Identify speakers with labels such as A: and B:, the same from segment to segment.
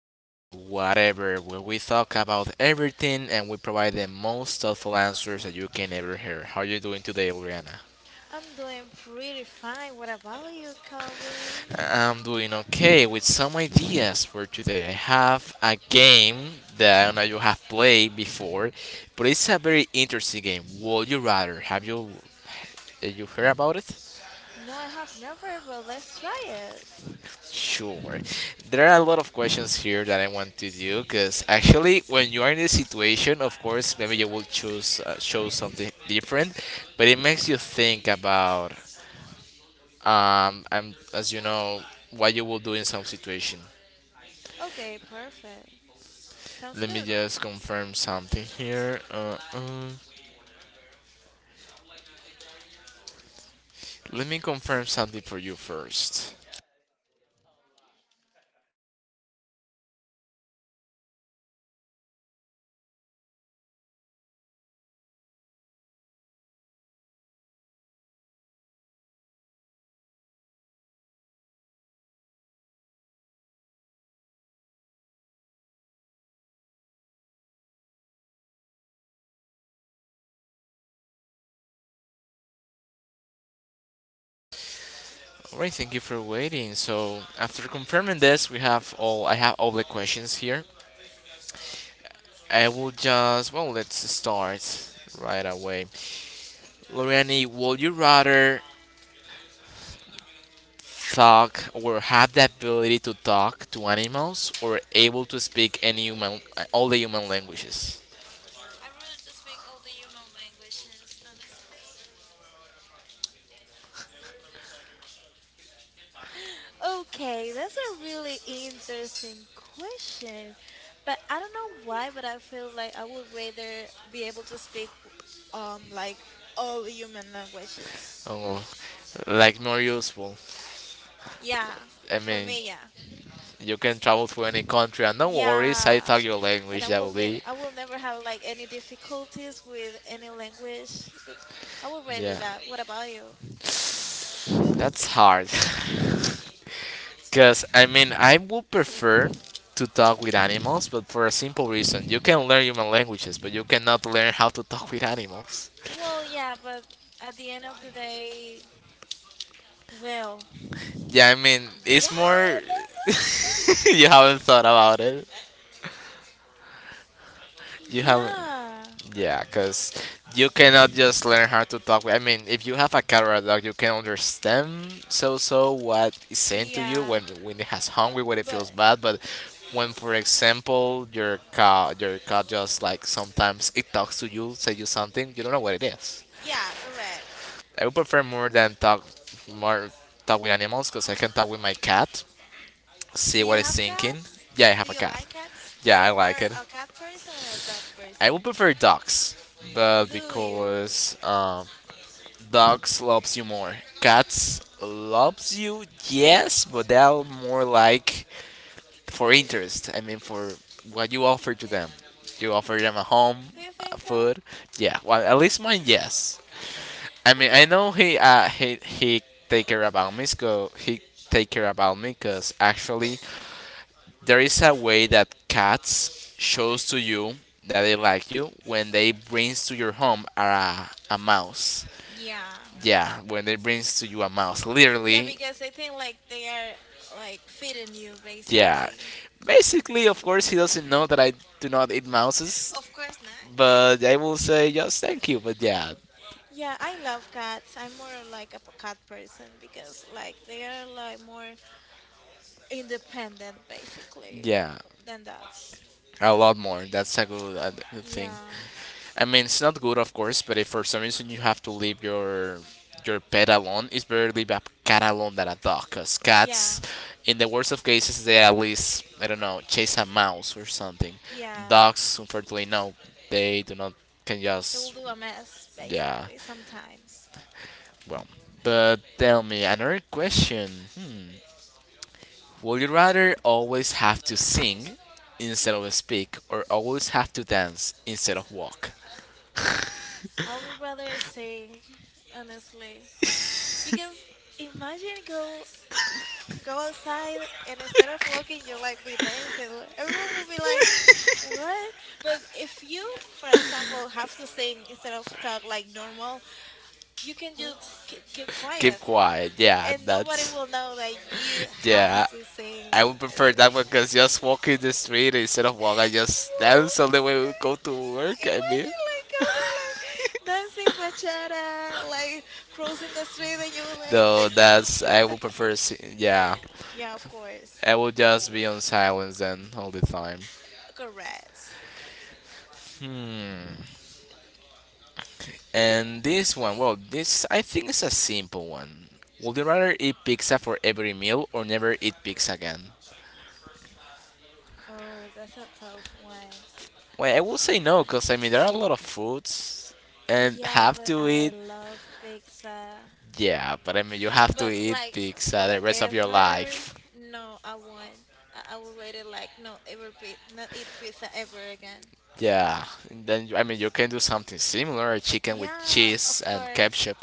A: again to Whatever, where we talk about everything and we provide the most thoughtful answers that you can ever hear. How are you doing today, Oriana?
B: I'm doing pretty fine. What about you, Calvin?
A: I'm doing okay with some ideas for today. I have a game that I don't know you have played before, but it's a very interesting game. Would you rather? Have you heard about it?
B: No, I have never, but let's try it.
A: Sure. There are a lot of questions here that I want to do because actually, when you are in this situation, of course, maybe you will choose show something different, but it makes
B: Mhm.
A: you think about as you know, what you will do in some situation.
B: Okay, perfect. Sounds
A: Let me
B: good.
A: just confirm something here. Let me confirm something for you first. Alright, thank you for waiting. So after confirming this, we have all I have all the questions here. I will just, well, let's start right away. Loriani, would you rather talk or have the ability to talk to animals or able to speak any all the human languages?
B: Okay, that's a really interesting question, but I don't know why, but I feel like I would rather be able to speak like all human languages.
A: Oh, like more useful.
B: Yeah,
A: I
B: for
A: mean,
B: me, yeah.
A: you can travel to any country and no worries, I
B: Yeah.
A: talk your
B: And
A: language, that will be.
B: I will never have like any difficulties with any language, but I would rather
A: Yeah.
B: that. What about you?
A: That's hard. Because, I mean, I would prefer to talk with animals, but for a simple reason. You can learn human languages, but you cannot learn how to talk with animals.
B: Well, yeah, but at the end of the day, well,
A: Yeah, I mean,
B: yeah,
A: it's more.
B: this
A: You haven't thought about it.
B: is,
A: You haven't.
B: yeah,
A: Yeah, because you cannot just learn how to talk. I mean, if you have a cat or a dog, you can understand so what is saying to you when
B: yeah,
A: when it has hungry, when it
B: but
A: feels bad. But
B: mhm.
A: when, for example, your cat just like sometimes it talks to you, say you something, you don't know what it is.
B: Yeah, correct.
A: I would prefer more than talk more talk with animals because I can talk with my cat, see
B: Do
A: what
B: you
A: it's
B: have
A: thinking.
B: cats?
A: Yeah, I have
B: Do
A: a
B: you
A: cat.
B: like cats?
A: Yeah,
B: Are
A: I
B: you
A: like
B: more
A: it.
B: a cat person or a dog
A: I would
B: person?
A: prefer dogs, but
B: Do you?
A: because dogs loves you more. Cats loves you, yes, but they're more like for interest. I mean, for what you offer to them. You offer them a home,
B: Do you think so?
A: food. Yeah, well, at least mine, yes. I mean, I
B: Okay.
A: know he take care about me, so he take care about me, cause actually there is a way that cats shows to you that they like you when they brings to your home a mouse.
B: Yeah.
A: Yeah, when they brings to you a mouse,
B: Yeah,
A: literally.
B: because I think like they are like feeding you
A: Yeah.
B: basically.
A: Basically, of course, he doesn't know that I do not eat mouses,
B: Of course not.
A: not, but I will say just thank you. But yeah,
B: Yeah, I love cats. I'm more like a cat person because like they are like more independent basically
A: yeah,
B: than dogs.
A: a lot more. That's a a good thing.
B: Yeah.
A: I mean, it's not good, of course, but if for some reason you have to leave your pet alone, it's better to leave a cat alone than a dog, because
B: Yeah.
A: cats, in the worst of cases, they at least, I don't know, chase a mouse or something.
B: Yeah.
A: Dogs, unfortunately, no, they do not, can
B: They will
A: just,
B: do a mess
A: yeah,
B: basically sometimes.
A: well. But tell me, another question. Hmm. Would you rather always have to sing instead of speak, or always have to dance instead of walk?
B: I would rather sing, honestly, because imagine go outside, and instead of walking you like be dancing. Like, everyone will be like, what? But if you, for example, have to sing instead of talk like normal, you can just keep
A: Keep
B: quiet,
A: quiet. Yeah,
B: and nobody
A: that's.
B: will know that you have
A: Yeah,
B: to sing.
A: I would prefer that
B: Yeah.
A: one because just walking the street instead of walking, I just dance all the way we go to work. I mean,
B: Imagine like out there like dancing bachata, like crossing the street, and you were like,
A: though that's I would prefer. Yeah,
B: yeah, of course,
A: I would just be on silence then all the time.
B: correct.
A: And this one, well, this I think is a simple one. Would you rather eat pizza for every meal or never eat pizza again?
B: Oh, that's a tough one.
A: Well, I will say no, because I mean, there are a lot of foods and
B: Yeah,
A: have
B: but
A: to
B: I
A: eat,
B: love pizza.
A: yeah, but I mean, you have to
B: But
A: eat
B: like
A: pizza the rest of your
B: forever,
A: life.
B: no, I won't. I would rather like not eat pizza ever again.
A: Yeah, and then I mean, you can do something similar, chicken with
B: Yeah,
A: cheese
B: of
A: and
B: course.
A: ketchup.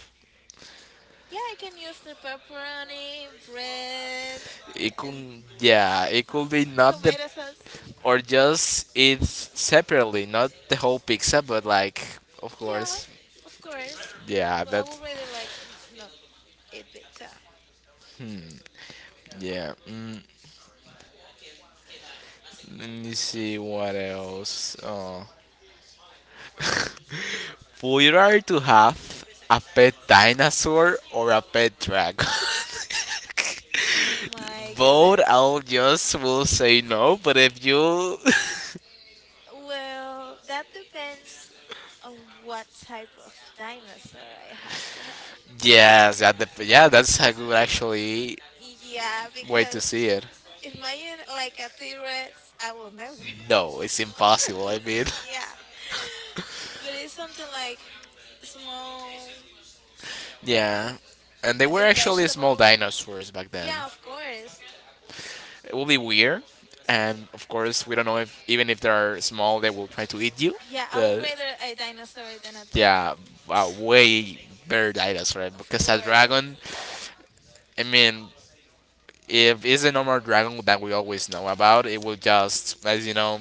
B: Yeah, I can use the pepperoni, bread,
A: It
B: and
A: could, yeah, it could be not the,
B: tomato sauce.
A: or just eat separately not the whole pizza but like of
B: Yeah,
A: course
B: of course.
A: yeah
B: But I
A: that.
B: would rather like not eat pizza.
A: Hmm, yeah, mm, let me see what else. Oh, would you rather to have a pet dinosaur or a pet dragon?
B: Oh my
A: Both
B: goodness.
A: I'll just will say no but if you.
B: Well, that depends on what type of dinosaur I have to have.
A: Yes, that yeah, that's a good actually
B: Yeah,
A: way to
B: because
A: see it.
B: imagine like a T-Rex, I will never.
A: No, it's impossible. I mean,
B: Yeah. But it's something like small,
A: yeah. And they
B: like
A: were actually small
B: vegetables.
A: dinosaurs back then.
B: Yeah, of course.
A: It will be weird. And of course, we don't know if even if they are small, they will try to eat you.
B: Yeah, I would
A: The-
B: rather a dinosaur than a
A: yeah,
B: dragon.
A: wow, way better dinosaur right?
B: Of
A: Because a
B: course.
A: dragon. I mean, if it's a normal dragon that we always know about, it will just, as you know,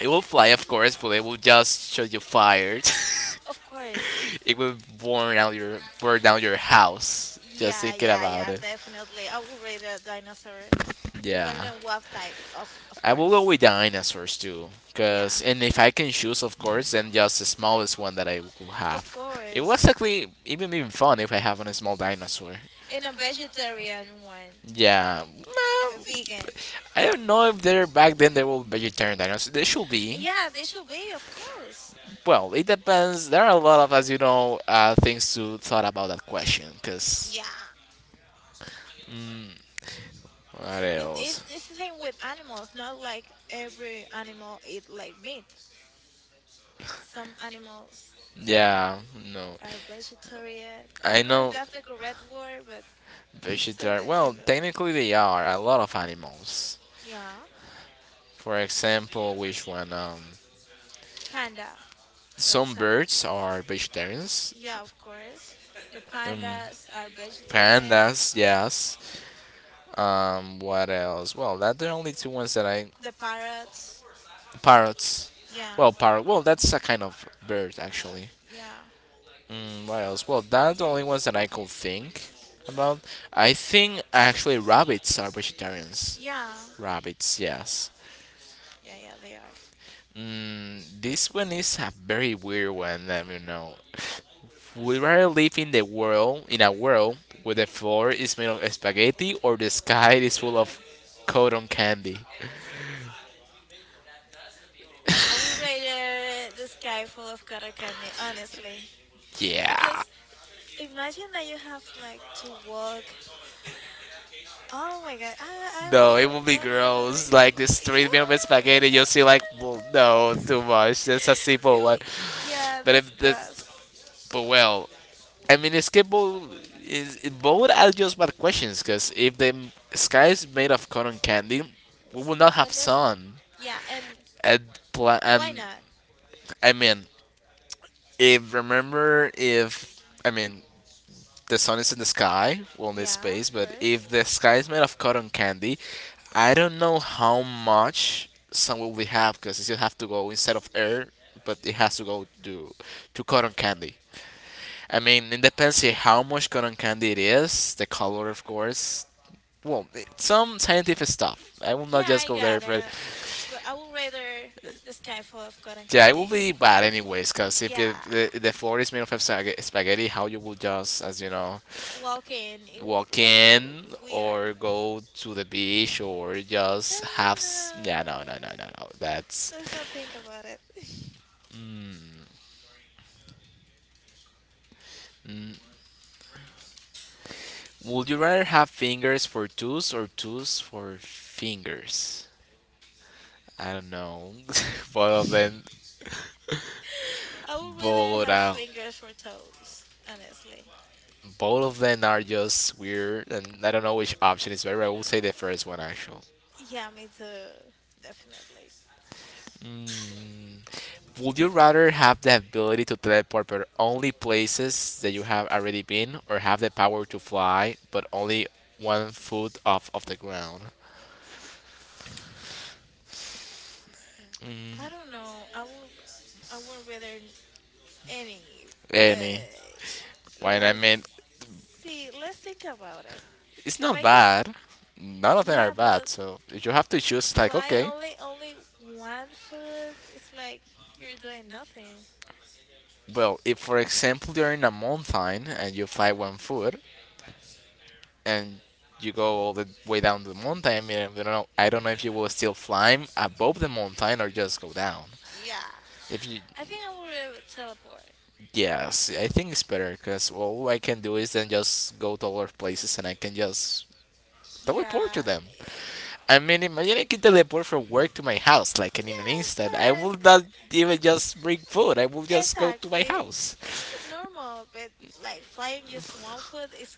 A: it will fly, of course, but it will just show you fire.
B: Of course.
A: It would burn down your house just
B: Yeah,
A: thinking
B: yeah,
A: about
B: yeah,
A: it.
B: definitely. I would rate a dinosaur, depending
A: Yeah,
B: on what type, of
A: I will go
B: course.
A: with dinosaurs too.
B: Yeah,
A: Cause and if I can choose, of course, then just the smallest one that I will
B: of
A: have. It was
B: course.
A: actually even fun if I have on a small dinosaur.
B: And a vegetarian one,
A: Yeah,
B: a vegan.
A: I don't know if they're back then they were vegetarian dinosaurs. They should be.
B: Yeah, they should be, of course.
A: Well, it depends. There are a lot of, as you know, things to thought about that question. Cause
B: Yeah,
A: what
B: but
A: else?
B: it's the same with animals. Not like every animal eat like meat. Some animals
A: Yeah, no.
B: are vegetarian. I
A: I
B: don't know
A: know
B: if that's the correct word, but
A: vegetarian.
B: something
A: Well,
B: similar.
A: technically they are a lot of animals.
B: Yeah,
A: For example, which one?
B: panda, for
A: Some
B: example.
A: birds are vegetarians.
B: Yeah, of course. The pandas are
A: Pandas,
B: vegetarian.
A: yes. What else? Well, that the only two ones that I.
B: The parrots.
A: Parrots.
B: Yeah,
A: Well, parrot. Well, that's a kind of bird actually.
B: yeah,
A: Mm, what else? Well, that's the only ones that I could think about. I think actually rabbits are vegetarians.
B: yeah,
A: Rabbits, yes.
B: yeah, yeah, they are.
A: Mm, this one is a very weird one. Let me know. Would you rather live in the world in a world where the floor is made of spaghetti or the sky is full of cotton candy?
B: I would rather the sky full of cotton candy, honestly.
A: Yeah.
B: Because imagine that you have like to walk. Oh my God. I
A: No, it
B: will,
A: would be
B: no, no, no, no, no.
A: gross. Like the street made
B: Yeah,
A: of spaghetti, you'll
B: because,
A: see
B: no,
A: like,
B: no,
A: well, no,
B: no, no,
A: too much. That's a
B: no,
A: simple
B: no.
A: one.
B: Ew, yeah,
A: But
B: that's
A: if
B: gross.
A: this, but well, I mean, escape bowl is both are just bad questions because if the sky is made of cotton candy, we will not have
B: When is,
A: sun.
B: yeah, and
A: And,
B: why
A: and
B: not?
A: I mean, if remember, if I mean, the sun is in the sky, well, in this
B: Yeah,
A: space,
B: of
A: but
B: course.
A: if the sky is made of cotton candy, I don't know how much sun will we have because it still have to go instead of air, but it has to go to cotton candy. I mean, it depends on how much cotton candy it is, the color, of course. Some scientific stuff. I will not
B: Yeah,
A: just
B: I
A: go there,
B: got
A: but
B: it. But I would rather the sky full of cotton
A: yeah, it will
B: candy.
A: be bad anyways. Cause if it,
B: Yeah,
A: the floor is made of spaghetti, how you will just, as you know,
B: walking. It will
A: walk
B: like we
A: in or
B: weird.
A: go to the beach or
B: No,
A: just
B: no,
A: have?
B: no,
A: Yeah, no, no, no,
B: no.
A: no, no. That's.
B: Let's not think about it.
A: Mm, mm. Would you rather have fingers for toes or toes for fingers? I don't know. Both of them.
B: I would rather
A: Bowl,
B: have fingers for toes, honestly.
A: both of them are just weird, and I don't know which option is better. I will say the first one actually.
B: Yeah, me too. Definitely.
A: Mm. Would you rather have the ability to teleport but only places that you have already been, or have the power to fly but only one foot off of the ground?
B: I don't know. I would rather any, but
A: Any. Why? I
B: let's
A: mean,
B: see. Let's think about it.
A: it's
B: If
A: not
B: I can,
A: bad. None of them are
B: yeah,
A: bad.
B: but
A: So you have to choose, like,
B: fly
A: okay,
B: only 1 foot, it's like you're doing nothing.
A: well, if for example you're in a mountain and you fly one foot and you go all the way down the mountain, I mean, I don't know if you will still climb above the mountain or just go down.
B: Yeah.
A: If you,
B: I think I would rather teleport.
A: yes, I think it's better because all I can do is then just go to other places and I can just teleport to
B: Yeah.
A: them.
B: Yeah.
A: I mean, imagine I can teleport from work to my house like in an
B: Yeah, of
A: instant. I will not even
B: course.
A: just bring
B: Mm,
A: food. I will just go to my
B: exactly.
A: house.
B: Normal, but like flying just 1 foot is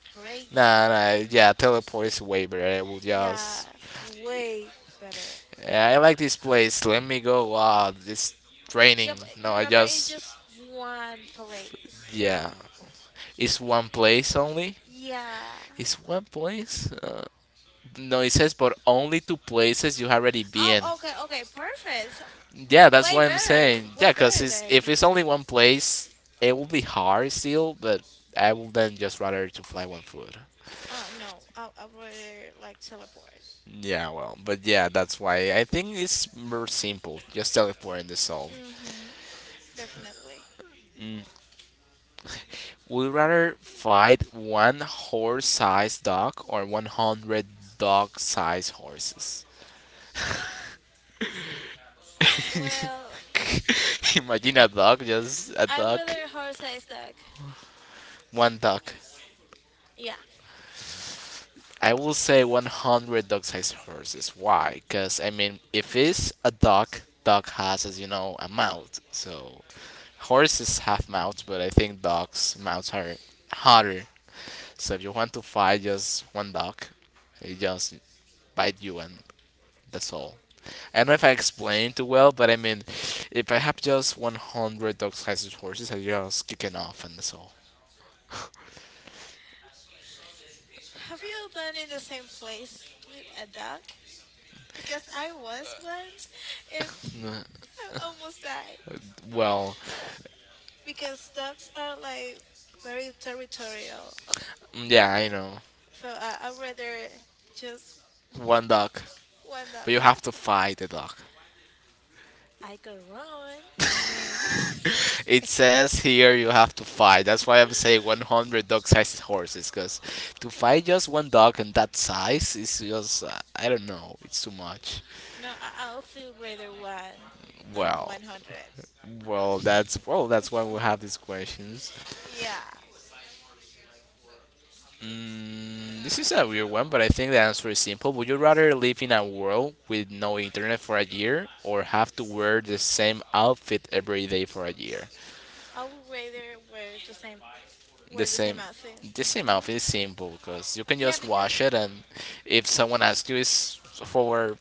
A: Nah,
B: crazy.
A: nah, yeah, teleport is way better. I will
B: Yeah,
A: just.
B: way better.
A: Yeah, I like this place. Let me go. Wow, this training.
B: Yeah, but
A: No, I
B: remember it's
A: just.
B: just one place.
A: Yeah. It's one place only?
B: Yeah.
A: It's one place? No, it says, but only two places you already been.
B: Oh, okay, okay, perfect. So,
A: Yeah, that's
B: way
A: what I'm
B: better,
A: saying.
B: way
A: Yeah, because
B: better
A: it's, if
B: than.
A: it's only one place, it will be hard still, but I will then just rather to fly one foot.
B: Oh no, I would like teleport.
A: Yeah, well, but yeah, that's why I think it's more simple. Just teleport and dissolve.
B: Mm-hmm, definitely.
A: Would you rather fight one horse-sized dog or 100 dog-sized horses?
B: Well,
A: Imagine a dog, just a
B: I
A: dog,
B: rather horse-sized dog.
A: one dog.
B: Yeah.
A: I will say 100 dog-sized horses. Why? Because, I mean, if it's a dog, dog has, as you know, a mouth. So, horses have mouths, but I think dogs' mouths are harder. So, if you want to fight just one dog, it just bite you and that's all. I don't know if I explained it well, but I mean, if I have just 100 dog sized horses, I just kick it off and so.
B: Have you done in the same place with a dog? Because I was once and I almost died.
A: Well,
B: Because dogs are like very territorial.
A: mm, yeah, I know.
B: So I rather just
A: One dog.
B: one dog,
A: But you
B: yeah.
A: have to fight the dog.
B: I could run. I mean,
A: It says here you have to fight. That's why I'm saying 100 dog sized horses, because to fight just one dog in that size is just, I don't know, it's too much.
B: no, I'll still rather one than
A: Well.
B: 100.
A: Well. That's why we have these questions.
B: Yeah.
A: Mm, this is a weird one, but I think the answer is simple. Would you rather live in a world with no internet for a year or have to wear the same outfit every day for a year?
B: I would rather wear the same
A: The
B: Wear the
A: same.
B: same outfit.
A: The same
B: Hmm.
A: outfit is simple because you can
B: Yeah,
A: just
B: because
A: wash it, and if someone asks you, it's for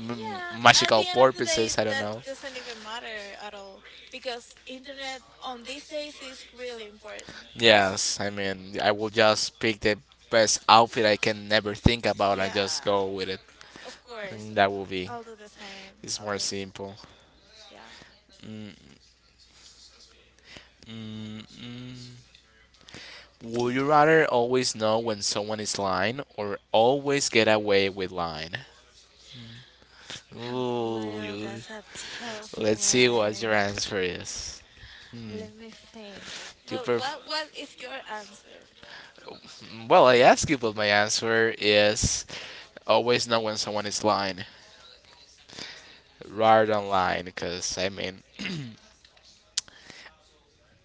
A: m-
B: at
A: magical
B: the end of the day,
A: purposes. I don't
B: that
A: know.
B: doesn't even matter at all because internet on these days is really important, honestly.
A: Yes, I mean, I will just pick the best outfit I can never think about and just
B: Yeah,
A: go with it.
B: of course.
A: And that will be.
B: I'll do the same.
A: It's
B: I'll do
A: more
B: the same.
A: simple.
B: Yeah.
A: Mm, mm. Would you rather always know when someone is lying or always get away with lying? Ooh,
B: Well, that's a tough
A: let's see what your
B: one.
A: answer is.
B: Let me think.
A: you
B: But
A: pref-
B: what is your answer?
A: Well, I ask you, but my answer is always know when someone is lying, rather than lying. Because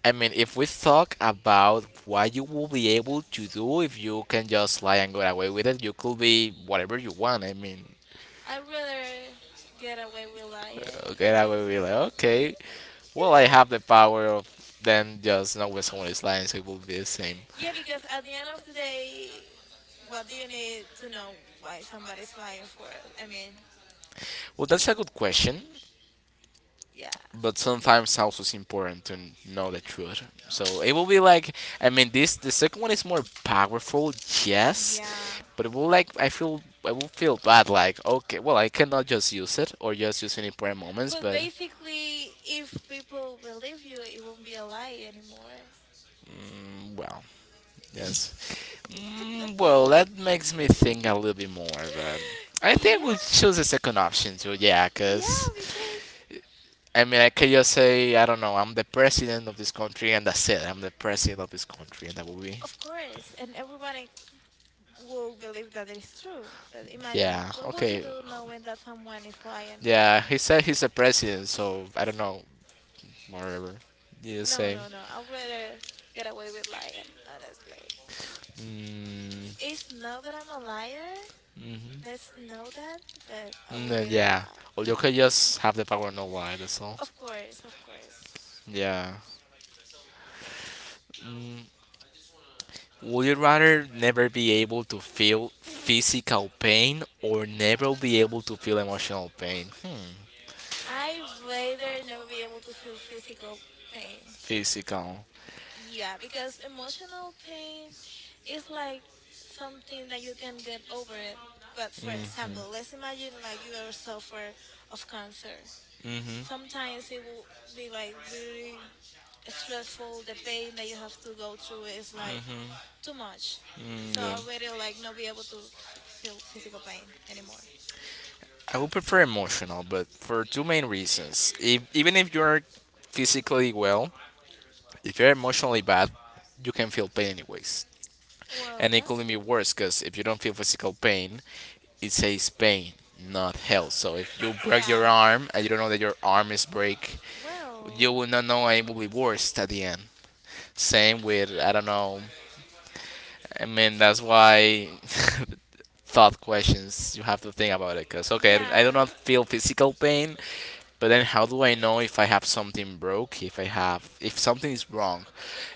A: I mean, if we talk about what you will be able to do if you can just lie and get away with it, you could be whatever you want. I mean,
B: I'd rather get away with lying,
A: get away with it.
B: honestly.
A: Like, okay, well, I have
B: Yeah.
A: the power of then just know when someone is lying, so it will be the same.
B: Yeah, because at the end of the day, what do you need to know why somebody's lying for? I mean,
A: Well, that's a good question.
B: yeah.
A: But sometimes also it's important to know the truth. So it will be like I mean this the second one is more powerful, yes,
B: Yeah.
A: but it will like I feel I will feel bad like okay, well I cannot just use it or just use it in important moments,
B: But
A: but
B: basically, if people believe you, it won't be a lie anymore.
A: mm, well, yes. Mm, well that makes me think a little bit more, but I think I
B: Yeah,
A: will choose the second option too. Yeah,
B: yeah,
A: cause
B: because
A: I mean, I can just say, I don't know, I'm the president of this country, and that's it. I'm the president of this country, and that will be.
B: of course, and everyone will believe that it is true. But imagine,
A: Yeah,
B: what would you
A: okay.
B: do knowing that someone is lying?
A: Yeah, he said he's the president, so I don't know, whatever. Yeah,
B: No,
A: same.
B: no, no. I'd rather get away with lying, honestly.
A: Mm,
B: It's not that I'm a liar.
A: mhm.
B: Let's know that, but I
A: Mm,
B: would rather
A: yeah. Well,
B: lie.
A: you can just have the power, no lie, that's all.
B: Of course, of course.
A: Yeah. Mm, would you rather never be able to feel physical pain or never be able to feel emotional pain? Hmm.
B: I rather never be able to feel physical pain.
A: Physical.
B: Yeah, because emotional pain is like something that you can get over it. But for example, let's imagine like you ever suffer of cancer.
A: Mhm.
B: Sometimes it will be like really stressful. The pain that you have to go through is like too much.
A: Mm,
B: So
A: yeah.
B: I already like not be able to f feel physical pain anymore.
A: Anymore. I would prefer emotional, but for two main reasons. If, even if you are physically well, if you're emotionally bad, you can feel pain anyways.
B: Well,
A: And it
B: that's
A: could be
B: true.
A: worse because if you don't feel physical pain, it says pain, not health. So if you break
B: Yeah.
A: your arm and you don't know that your arm is break, you
B: Well,
A: will not know and it will be worse at the end. Same with I don't know I mean, that's why thought questions. You have to think about it. Cause okay, I do
B: yeah.
A: not feel physical pain, but then how do I know if I have something broke? If I have, if something is wrong?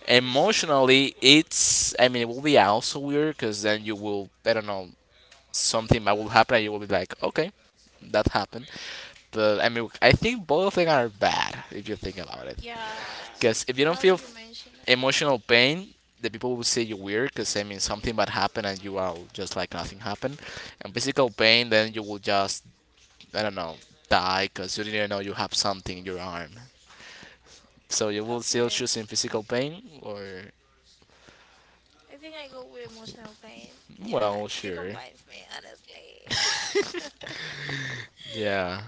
A: Emotionally, it's. I mean, it will be also weird. Cause then you will. I don't know. Something that will happen, and you will be like, okay, that happened. But I mean, I think both of them are bad if you think about it.
B: Yeah,
A: Because if you don't
B: now
A: feel
B: that you mention it.
A: emotional pain, the people will say you're weird. Because I mean, something bad happened and you are just like nothing happened. And physical pain, then you will just I don't know die because you didn't know you have something in your arm. So you will still
B: Okay.
A: choosing physical pain or
B: I think I go with emotional pain. Yeah,
A: well,
B: you
A: sure,
B: combine with me, honestly.
A: yeah.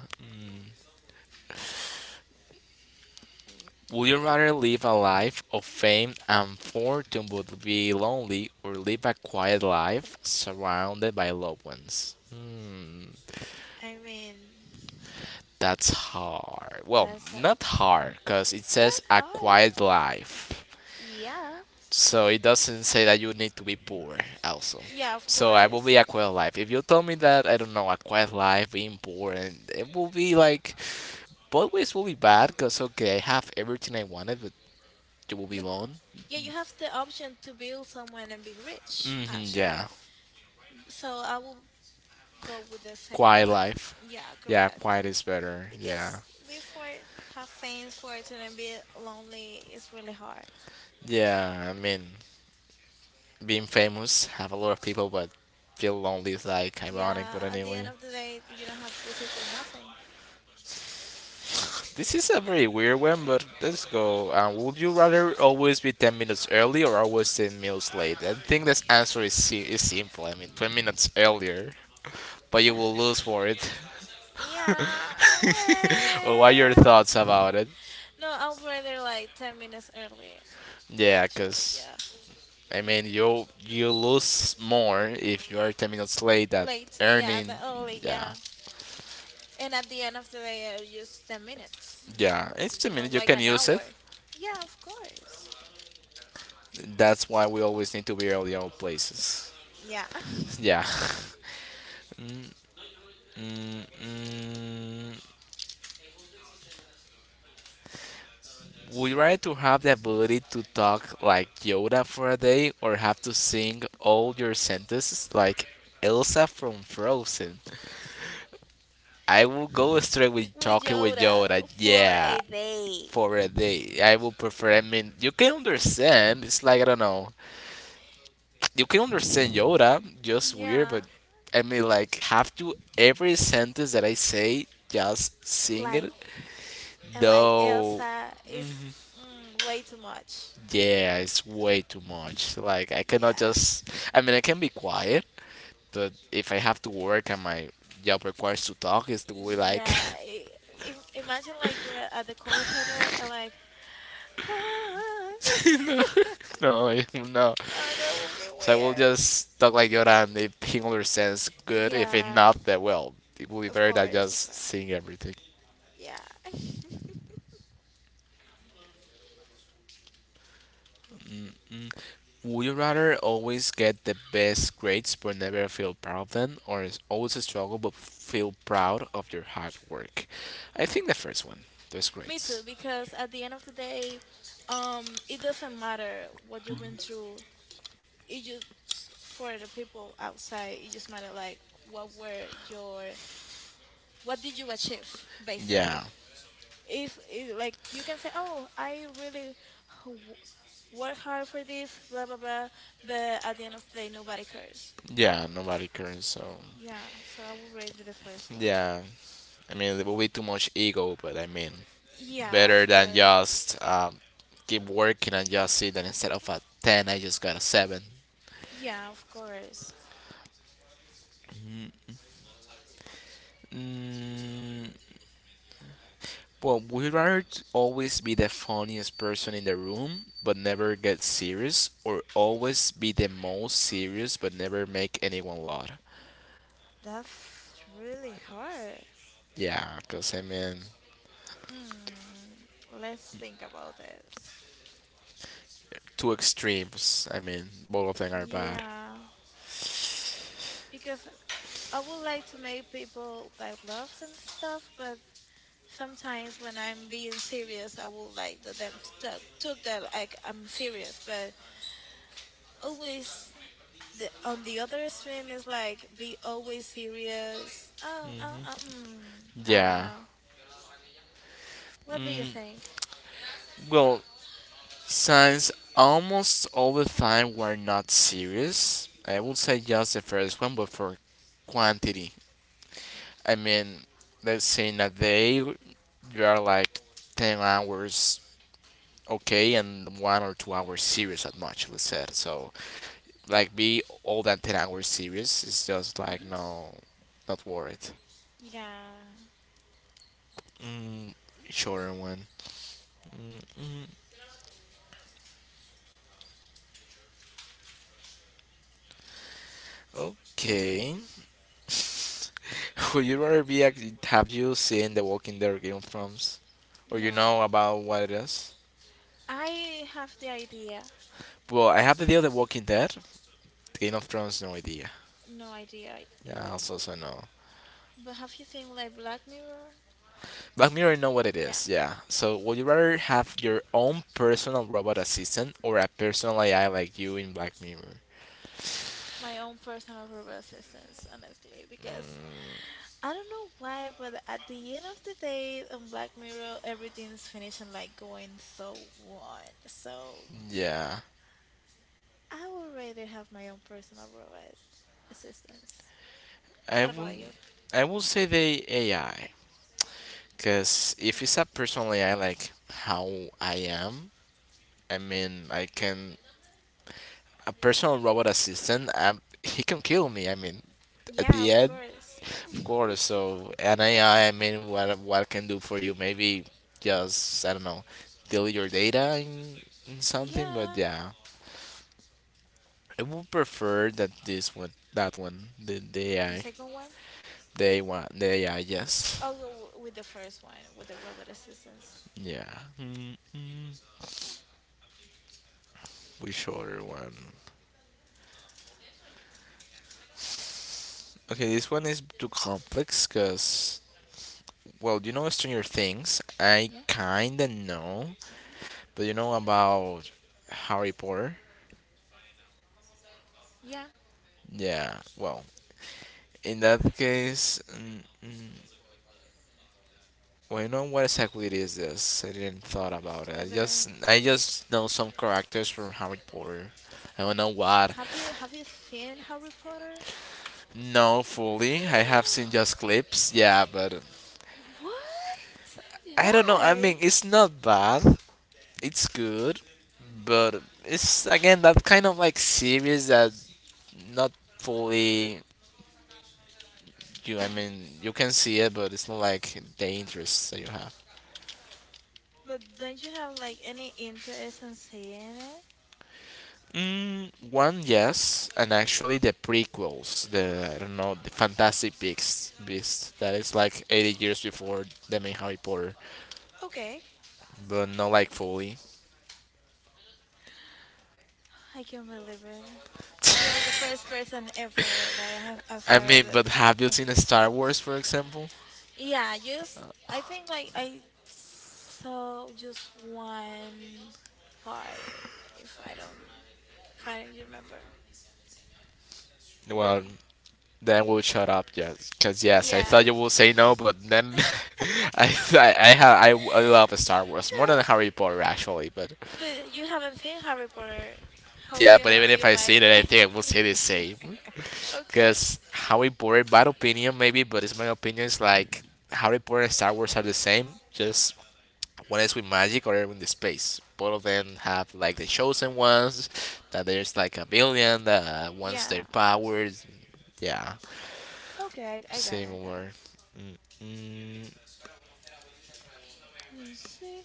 A: Would you rather live a life of fame and fortune but be lonely, or live a quiet life surrounded by loved ones? Hmm,
B: I mean,
A: that's hard. Well,
B: that's a,
A: not hard, because it
B: it's
A: says
B: not
A: a
B: hard.
A: quiet life.
B: Yeah.
A: So it doesn't say that you need to be poor, also.
B: Yeah, of
A: So I will be
B: course.
A: a quiet life. If you tell me that, I don't know, a quiet life, being poor, and it will be like, both ways will be bad, because okay, I have everything I wanted, but you will be
B: But
A: alone.
B: yeah, you have the option to build someone and be rich,
A: Hmm,
B: actually.
A: yeah.
B: So I will go with the second
A: Quiet
B: one.
A: life.
B: Yeah,
A: Yeah,
B: correct.
A: quiet is better.
B: Because
A: Yeah. Yes.
B: before, have fans for it and be lonely is really hard.
A: Yeah, I mean, being famous, have a lot of people, but feel lonely is like ironic, but
B: Yeah, at the end
A: anyway.
B: of the day, you don't have basically nothing.
A: This is a very weird one, but let's go. Would you rather always be 10 minutes early or always 10 minutes late? I think this answer is, is simple. I mean, 10 minutes earlier, but you will lose for it.
B: Yeah,
A: What are your
B: well,
A: thoughts about it?
B: no, I will rather like 10 minutes early.
A: Yeah,
B: Actually,
A: because
B: yeah,
A: I mean, you lose more if you are 10 minutes late that
B: late. Yeah,
A: earning.
B: the early.
A: Yeah,
B: Yeah, and at the end of the day, just 10 minutes,
A: yeah.
B: uh,
A: It's 10 minutes.
B: not
A: You
B: like
A: can
B: an
A: use it.
B: hour. Yeah, of course.
A: That's why we always need to be early at all places.
B: Yeah.
A: Yeah. Mm, mm, would you rather to have the ability to talk like Yoda for a day or have to sing all your sentences like Elsa from Frozen? I will go straight with
B: With
A: talking with
B: Yoda
A: Yoda.
B: for
A: Yeah.
B: a day.
A: For a day. I would prefer. I mean, you can understand. It's like I don't know. You can understand Yoda, just weird,
B: Yeah.
A: but I mean, like, have to every sentence that I say just sing
B: Like,
A: it.
B: and like
A: Though,
B: Elsa is way too much.
A: yeah, it's way too much. Like, I
B: Yeah,
A: cannot just. I mean, I can be quiet, but if I have to work and my job requires to talk, it's the way like.
B: yeah. Imagine like you were at the call center and like, hi.
A: No, no. No.
B: No, that would be
A: So we'll
B: weird.
A: just talk like Yoda, and if he understands, good. If it
B: Yeah,
A: not, then well, it will be
B: of
A: better than
B: course, of
A: just
B: course.
A: seeing everything.
B: Yeah.
A: Mm. Would you rather always get the best grades but never feel proud of them, or is always struggle but feel proud of your hard work? I think the first one, those
B: Me too,
A: grades.
B: because at the end of the day, it doesn't matter what you went through. It just for the people outside, it just matter like what did you achieve
A: Yeah,
B: basically. It's like you can say, oh, I really w- work hard for this, blah blah blah, but at the end of the day, nobody cares.
A: yeah, nobody cares. So
B: Yeah, so I will rate the first one.
A: yeah, I mean there will be too much ego, but I mean
B: Yeah, of
A: better than
B: course.
A: just keep working and just see that instead of a 10, I just got a 7.
B: Yeah, of course.
A: Mm, well, would rather always be the funniest person in the room but never get serious, or always be the most serious but never make anyone laugh?
B: That's really hard.
A: Yeah, because I mean,
B: Mm, let's think about this.
A: two extremes. I mean, both of them are bad.
B: Yeah, because I would like to make people that laugh and stuff, but sometimes when I'm being serious, I would like them to talk, took that like I'm serious. But always the on the other extreme is like be always serious. Oh, oh, oh, I don't
A: Yeah.
B: know. What do you
A: Mm,
B: think?
A: well, Signs almost all the time were not serious. I would say just the first one, but for quantity. I mean, let's say in a day, you are like 10 hours okay and 1 or 2 hours serious at much, let's say. So, like, be all that 10 hours serious is just like,
B: Hmm.
A: no, not worth it.
B: Yeah,
A: Mm, shorter one. Mm, mm, okay. Would you rather be a, have you seen The Walking Dead Game of Thrones? Or you know
B: no.
A: about what it is?
B: I have the idea.
A: Well, I have the deal of The Walking Dead. Game of Thrones, no idea.
B: No idea
A: Yeah,
B: either.
A: also so no.
B: But have you seen like Black Mirror?
A: Black Mirror, I know what it
B: Yeah.
A: is. Yeah. So, would you rather have your own personal robot assistant or a personal AI like you in Black Mirror?
B: My own personal robot assistants, honestly, because I don't know why, but at the end of the day on Black Mirror, everything's finishing like going so wrong. So
A: Yeah,
B: I would rather have my own personal robot assistants.
A: I
B: What
A: will.
B: about you?
A: I will say the AI, because if it's a personal AI like how I am, I mean, I can a personal robot assistant, he can kill me. I mean, at
B: Yeah,
A: the
B: of
A: end,
B: course.
A: of course. So an AI, I mean, what can do for you? Maybe just I don't know, delete your data in something. But
B: Yeah,
A: yeah, I would prefer that this one, that one, the
B: the
A: AI,
B: second one.
A: the A one, the AI. Yes,
B: I'll go with the first one, with the robot assistants.
A: yeah. Mm, which other one? Okay, this one is too complex because well, you know Stranger Things. I
B: Yeah.
A: kinda know do you know about Harry Potter?
B: Yeah,
A: Yeah, well, in that case, mm, mm, well, you know what exactly it is this? I didn't thought about it.
B: Slytherin,
A: I
B: yeah.
A: just know some characters from Harry Potter. I don't know what.
B: Have you seen Harry Potter?
A: No, fully. I have seen just clips. Yeah, but
B: What?
A: I don't know. I mean,
B: Why?
A: it's not bad. It's good, but it's again that kind of like series that not fully you. I mean, you can see it, but it's not like the interests that you have.
B: But don't you have like any interest in seeing it?
A: Mm, one, yes, and actually the prequels, the I don't know, the Fantastic Beasts, Beast that is like 80 years before the main Harry Potter,
B: Okay,
A: but not like fully.
B: I can believe it. You are the first person ever that I've
A: I
B: heard
A: mean,
B: that
A: but have you
B: has a
A: seen
B: bit like.
A: Star Wars, for example?
B: Yeah, just I think like I saw just one part if I don't if I don't remember. But
A: Well, then we'll shut up, yes, because yes, I
B: yeah.
A: thought you would say no, but then I, have, I love Star Wars more than Harry Potter actually, but
B: But you haven't seen Harry Potter. How do
A: yeah,
B: you
A: but
B: know
A: even
B: that
A: if
B: you
A: I
B: like?
A: see it, I think I will say the same.
B: Okay.
A: Because Harry Potter, in my opinion, maybe, but it's my opinion, is like Harry Potter and Star Wars are the same, just one is with magic or in the space. Both of them have like the chosen ones, that there's like a billion that wants
B: Yeah.
A: their powers. Yeah,
B: Okay, I got it, I got it.
A: similar. Mm-mm.
B: Let's see.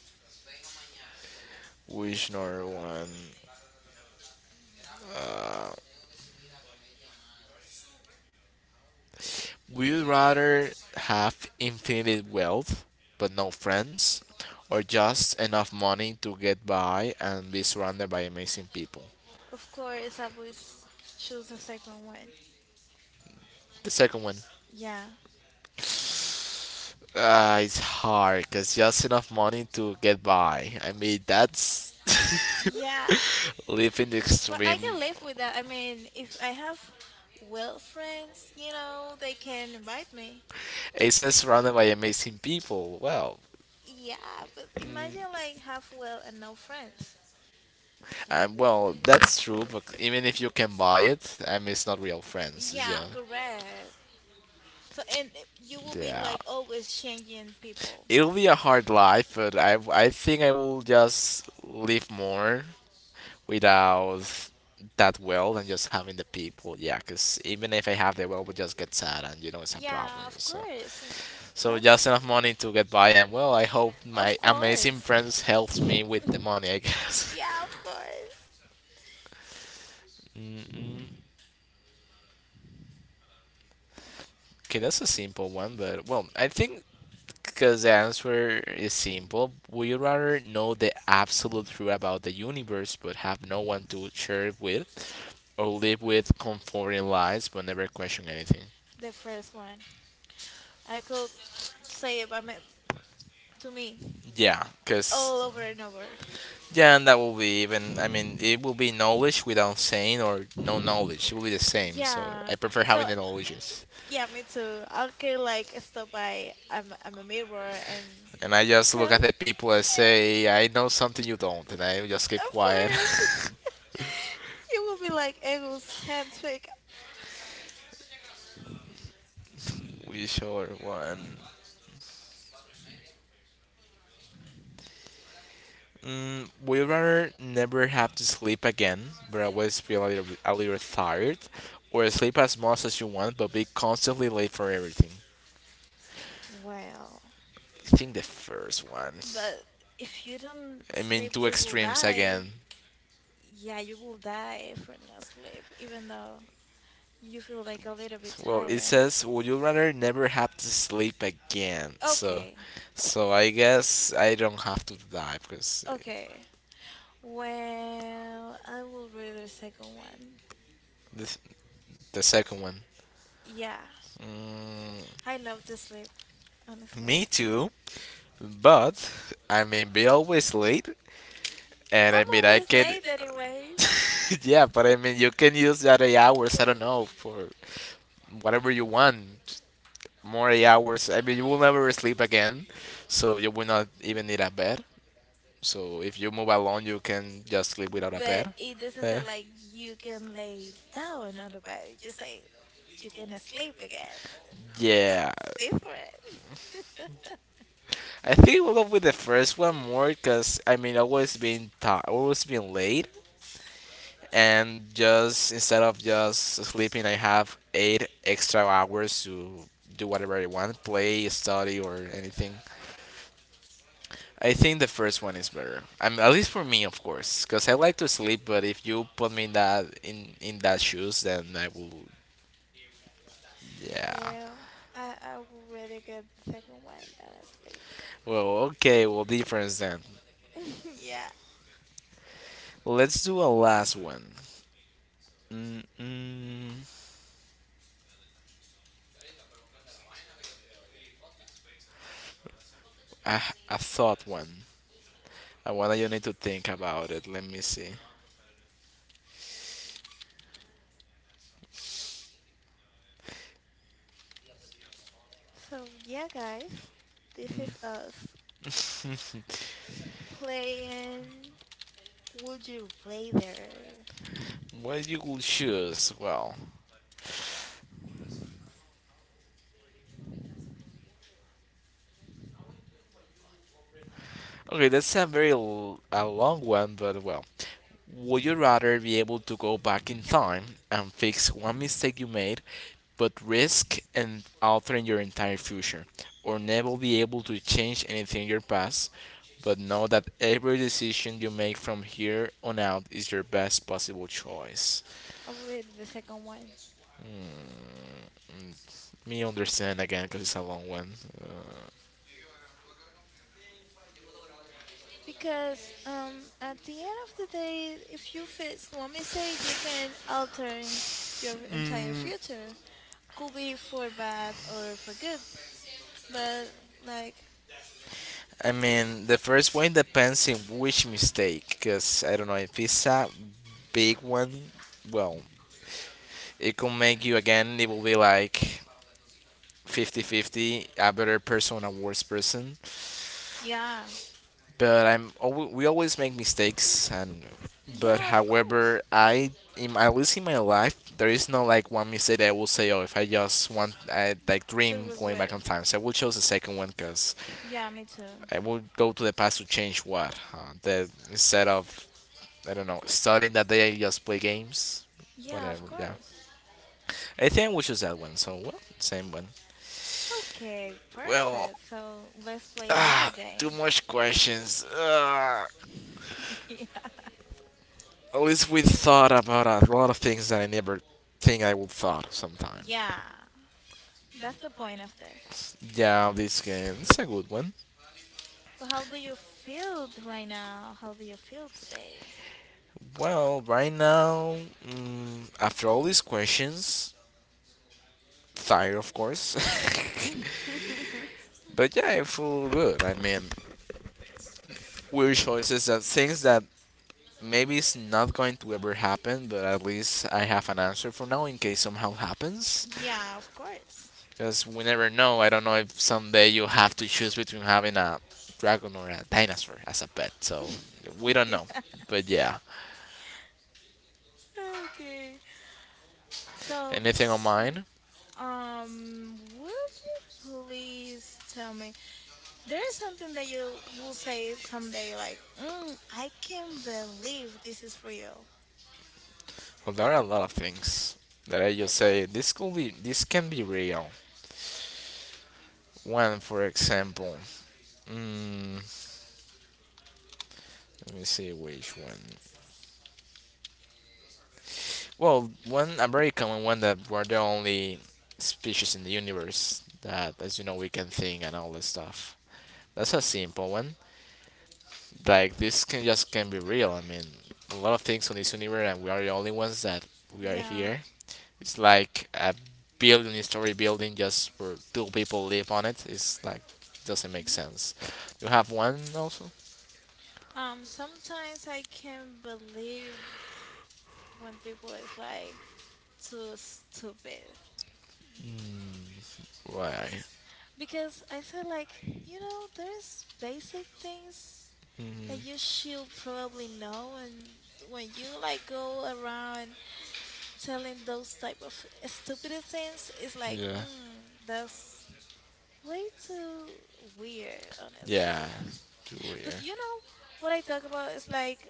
A: Which another one? Uh, Would you rather have infinite wealth but no friends, or just enough money to get by and be surrounded by amazing people?
B: Of course, I would choose the second one.
A: The second one.
B: Yeah.
A: It's hard because just enough money to get by. I mean, that's
B: Yeah.
A: living the
B: But
A: extreme.
B: I can live with that. I mean, if I have well friends, they can invite me.
A: It says surrounded by amazing people. Well,
B: Yeah, but imagine like have well and no friends. That will be.
A: Well, that's true, but even if you can buy it, I mean, it's not real friends. Yeah.
B: Yeah, correct. So and you will be
A: Yeah.
B: like always changing people.
A: It'll be a hard life, but I think I will just live more without that wealth and just having the people. Yeah, because even if I have the wealth, we just get sad, and you know it's a problem.
B: Yeah, of
A: So,
B: course. And
A: so just
B: that's.
A: enough
B: Mhm.
A: money to get by, and well, I hope
B: Of
A: my amazing
B: course.
A: friends helps me with the money. I guess.
B: Yeah, of course.
A: Okay, that's a simple one, but well, I think because the answer is simple, would you rather know the absolute truth about the universe but have no one to share it with, or live with comforting lies but never question anything?
B: The first one. I could say it by me, to me,
A: Yeah,
B: all
A: because
B: over and over.
A: yeah, and that will be even. I mean, it will be knowledge without saying or no knowledge. It will be the same. So
B: Yeah.
A: I prefer having
B: So
A: the knowledges.
B: yeah, me too. I could like stop by I'm a mirror and
A: And I just look
B: tell
A: at
B: me.
A: the people and say, I know something you don't, and I just keep
B: Of
A: quiet.
B: course, you will be like Ego's handshake.
A: We sure one. Mm, we rather never have to sleep again, but always feel a little tired, or sleep as much as you want, but be constantly late for everything.
B: Well,
A: I think the first one.
B: but if you don't
A: I mean,
B: sleep,
A: two
B: you will
A: extremes
B: die.
A: again.
B: Yeah, you will die for not sleep, even though you feel like a little bit
A: Well, it
B: tired.
A: says, "Would you rather never have to sleep again?" So,
B: Okay,
A: so I guess I don't have to die because
B: okay. Well, I will read the second one.
A: the the second one.
B: Yeah,
A: Mm,
B: I love to sleep, honestly.
A: me too, but I may be always late, and
B: I'm
A: I mean, I
B: always
A: can.
B: late anyways,
A: Yeah, but I mean, you can use that 8 hours, I don't know, for whatever you want. More 8 hours. I mean, you will never sleep again, so you will not even need a bed. So if you move alone, you can just sleep without a
B: but
A: bed.
B: it doesn't
A: Eh?
B: sound like you can lay down on the bed. Just say you can sleep again. So
A: Yeah,
B: it's different.
A: I think we'll go with the first one more because I mean, always being tired, always being late, and just instead of just sleeping I have eight extra hours to do whatever I want, play, study, or anything. I think the first one is better. I mean, at least for me, of course, because I like to sleep, but if you put me in that shoes, then I will. Yeah,
B: Well, I would rather get the second one,
A: well, okay, well, difference then.
B: honestly. Yeah.
A: Let's do a last one. Mm, mm, a, a thought one, a one that you need to think about it. Let me see.
B: So, yeah, guys, this is us playing Would You Rather.
A: What you will choose. Well, okay, that's a very a long one, but well. Would you rather be able to go back in time and fix one mistake you made, but risk and altering your entire future, or never be able to change anything in your past, but know that every decision you make from here on out is your best possible choice?
B: Already the second one.
A: Me understand again because it's a long one.
B: Because at the end of the day, if you fix one mistake, you can alter your entire future. Could be for bad or for good. But, like,
A: I mean, the first one depends in which mistake, because I don't know if it's a big one. Well, it could make you again it will be like 50-50, a better person, a worse person,
B: yeah.
A: but we always make mistakes, and but
B: Yeah, of course.
A: however I, in at least in my life, there is no like one mistake that I will say, oh, if I just want, I like
B: To
A: dream going
B: regret
A: back on
B: it.
A: time. So I will choose the second one, because
B: Yeah, me too.
A: I will go to the past to change what, huh? The instead of, I don't know, starting that day I just play games,
B: Yeah,
A: whatever.
B: of
A: Yeah,
B: course.
A: I think I will choose that one, so well, same one.
B: Okay,
A: Well,
B: perfect. So let's play another
A: ah, too
B: game.
A: much questions. Ah,
B: Yeah.
A: at least we thought about a lot of things that I never think I would thought sometime.
B: Yeah, that's the point of this.
A: Yeah, this game it's a good one.
B: Well, how do you feel right now? How do you feel today?
A: Well, right now, mm, after all these questions, tired of course, but yeah, I feel good. I mean, weird choices and things that maybe it's not going to ever happen, but at least I have an answer for now in case somehow happens.
B: Yeah, of course.
A: Because we never know. I don't know if someday you have to choose between having a dragon or a dinosaur as a pet. So we don't
B: Yeah.
A: know. But yeah,
B: Okay. So,
A: anything on
B: t-
A: mine?
B: would you please tell me there is something that you will say someday, like, mm, I can't believe this is real.
A: Well, there are a lot of things that I
B: Like
A: just
B: what?
A: say this could be, this can be real. One, for example, mm, let me see which one. Well, one a very common one that we're the only species in the universe that, as you know, we can think and all this stuff. That's a simple one. Like this can just can be real. I mean, a lot of things on this universe, and we are the only ones that we are
B: Yeah.
A: here. It's like a billion story building just for two people live on it. It's like doesn't make
B: Mhm.
A: sense. You have one also.
B: Sometimes I can't believe when people is like too stupid.
A: Mm, why?
B: Because I feel like, there's basic things
A: Mm,
B: that you should probably know and when you like go around telling those type of stupid things, it's like,
A: yeah.
B: that's way too weird,
A: Yeah.
B: honestly.
A: Too
B: But
A: weird.
B: you know what I talk about is like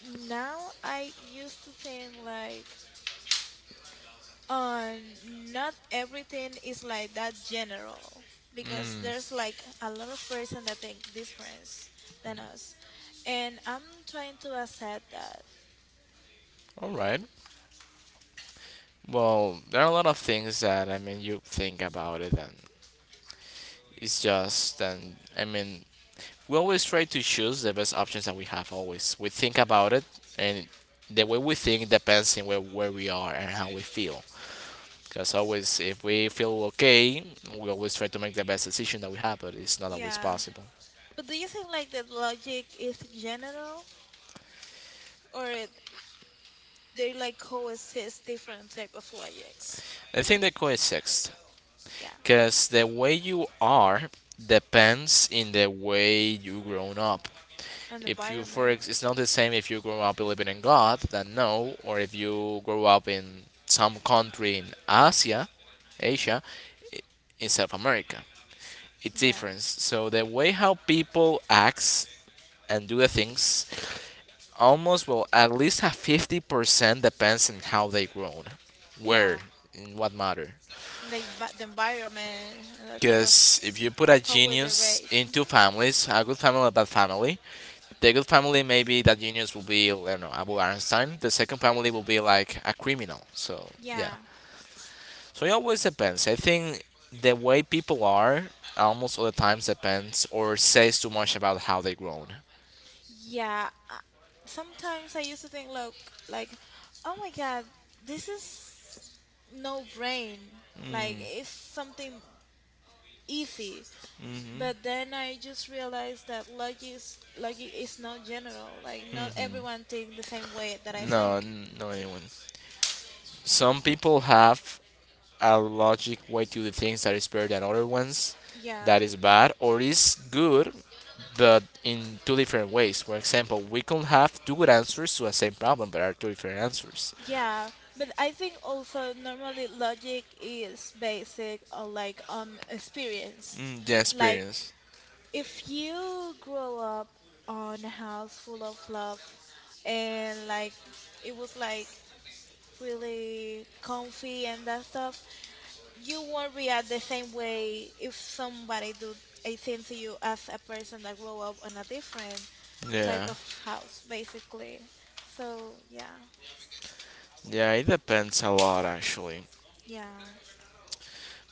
B: now I used to think like Uh, not everything is like that general because there's like a lot of person that think different than us, and I'm trying to accept that.
A: All right. Well, there are a lot of things that I mean you think about it, and it's just and I mean we always try to choose the best options that we have. Always we think about it, and the way we think depends on where we are and how we feel. Because always, if we feel okay, we always try to make the best decision that we have, but it's not always
B: Yeah,
A: possible.
B: but do you think like the logic is general or they like coexist different type of logics?
A: I think the coexist,
B: Yeah,
A: because the way you are depends in the way you grown up.
B: and
A: If you for
B: environment.
A: ex- it's not the same if you grow up believing in god then no, or if you grow up in some country in Asia i- in South America, it's
B: Yeah,
A: different. So the way how people act and do the things almost well, at least a 50% depends on how they grown, where,
B: yeah,
A: in what matter.
B: the environment and that type of
A: Because if you put a
B: how was they
A: genius
B: raised.
A: in
B: Hmm.
A: two families, a good family and a bad family, the good family maybe that genius will be, I don't know, Abu Einstein. The second family will be like a criminal. So yeah.
B: Yeah,
A: So it always depends. I think the way people are almost all the times depends or says too much about how they grown.
B: yeah. Sometimes I used to think, look, like, oh my God, this is no brain. Like, it's something easy.
A: Hmm.
B: But then I just realized that logic is not general. Like not
A: Hmm.
B: everyone thinks the same way that I
A: No,
B: think.
A: no anyone. Some people have a logic way to the things that is better than other ones, that
B: Yeah.
A: is bad or is good, but in two different ways. For example, we can have two good answers to a same problem but are two different answers.
B: Yeah, but I think also normally logic is basic on like experience.
A: Mm, the
B: Like
A: experience.
B: if you grow up on a house full of love and like it was like really comfy and that stuff, you won't react the same way if somebody do a thing to you as a person that grow up on a different type
A: Yeah.
B: of house, basically. So yeah,
A: Yeah, it depends a lot actually.
B: yeah,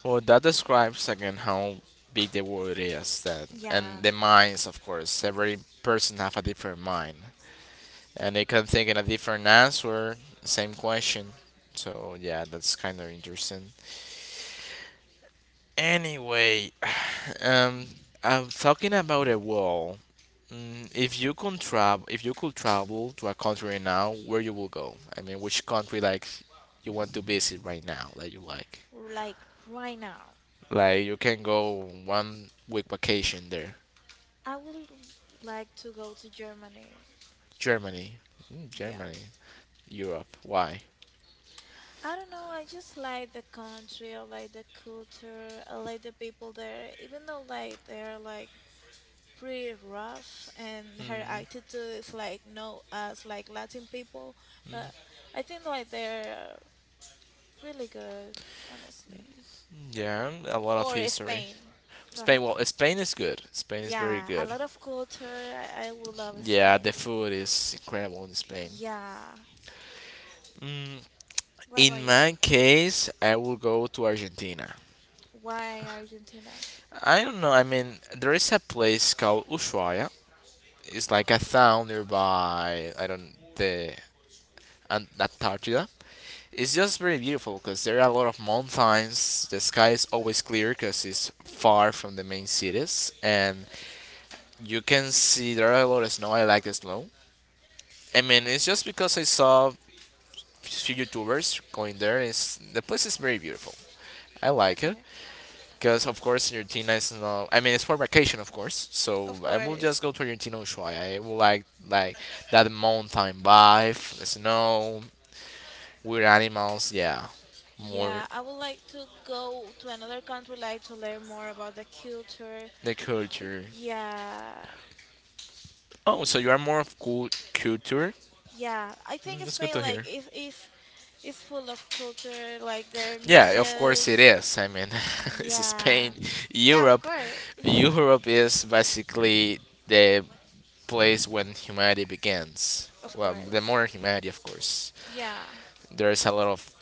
A: Well, that describes again how big the world is, that,
B: yeah.
A: and the minds, of course. Every person have a different mind, and they could have taken a different answer, same question. So yeah, that's kind of interesting. Anyway, um, I'm talking about a wall. Mm, if you can travel, if you could travel to a country right now, where you will go? I mean, which country like you want to visit right now that you like?
B: Like right now,
A: Like you can go one week vacation there.
B: I would like to go to Germany.
A: Germany. Mm,
B: Yeah,
A: Germany, Europe. Why?
B: I don't know. I just like the country. I like the culture. I like the people there, even though like they're like pretty rough and her attitude is like no us like Latin people, but I think like they're really good, honestly.
A: Yeah, a lot of
B: Or
A: history.
B: Spain. Go
A: Spain,
B: ahead.
A: well, Spain is good. Spain is very
B: Yeah, a
A: good.
B: lot of culture. I will love
A: Yeah,
B: Spain.
A: the food is incredible in Spain.
B: Yeah.
A: Mm,
B: What
A: in
B: about you?
A: my case, I will go to Argentina.
B: Why Argentina?
A: I don't know. I mean, there is a place called Ushuaia. It's like a town nearby, I don't, the Antarctica. It's just very beautiful because there are a lot of mountains. The sky is always clear because it's far from the main cities, and you can see there are a lot of snow. I like the snow. I mean, it's just because I saw few YouTubers going there. It's the place is very beautiful. I like it
B: Okay,
A: because, of course, Argentina is not. I mean, it's for vacation, of course. So
B: of
A: I will
B: course.
A: just go to Argentina Ushuaia. I will like that mountain vibe, the snow, weird animals. Yeah, more
B: Yeah, I would like to go to another country, like to learn more about the culture.
A: the culture.
B: Yeah,
A: Oh, so you are more of cool culture.
B: yeah. I
A: Mm,
B: think
A: that's good
B: Spain,
A: to hear.
B: like, is full of culture, like their
A: Yeah, of course it
B: museums.
A: is. I mean, it's
B: Yeah,
A: Spain,
B: yeah. Of
A: Europe.
B: course,
A: Europe is basically the place when humanity begins.
B: of
A: Well, the
B: course.
A: modern humanity, of course.
B: Yeah,
A: There's a lot of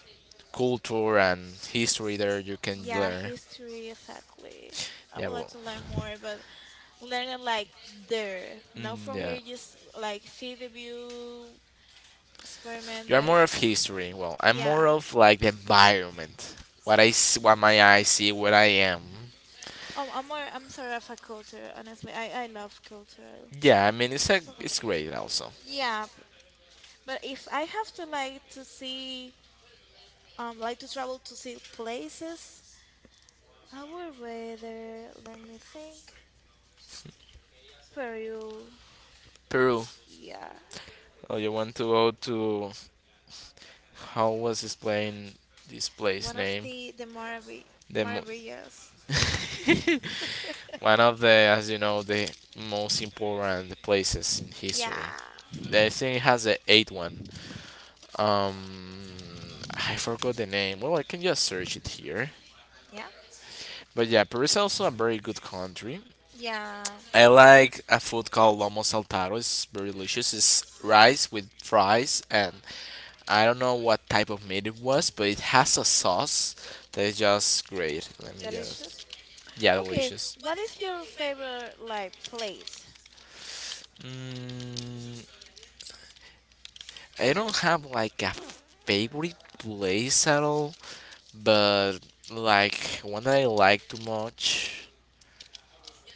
A: culture and history there you can
B: yeah.
A: learn.
B: History, exactly. I
A: Yeah,
B: would like
A: well,
B: to learn more, but learn it like there, not
A: mm,
B: from
A: yeah.
B: here. Just like see the view,
A: You
B: experiment
A: are more of
B: basically.
A: history. Well, I'm more
B: Yeah.
A: of like the environment. What what my eyes see, what I am.
B: I'm sort of a culture, honestly. I love cultural
A: Yeah, I mean
B: stuff.
A: it's great also.
B: Yeah, but if I have to like to see like to travel to see places, I would rather let me think Peru.
A: Peru.
B: Yeah.
A: Oh, you want to go to. How was this plane? This place
B: One of
A: name?
B: the
A: The mo-
B: Maravillas.
A: one of the, as you know, the most important places in history.
B: Yeah.
A: I think it has a 81. Um, I forgot the name. Well, I can just search it here.
B: Yeah.
A: But yeah, Peru is also a very good country.
B: Yeah.
A: I like a food called lomo saltado. It's very delicious. It's rice with fries, and I don't know what type of meat it was, but it has a sauce that is just great. Let me just.
B: Delicious.
A: Yeah,
B: Okay,
A: delicious.
B: what is your favorite like place?
A: Mm, I don't have like a favorite place at all, but like one that I like too much.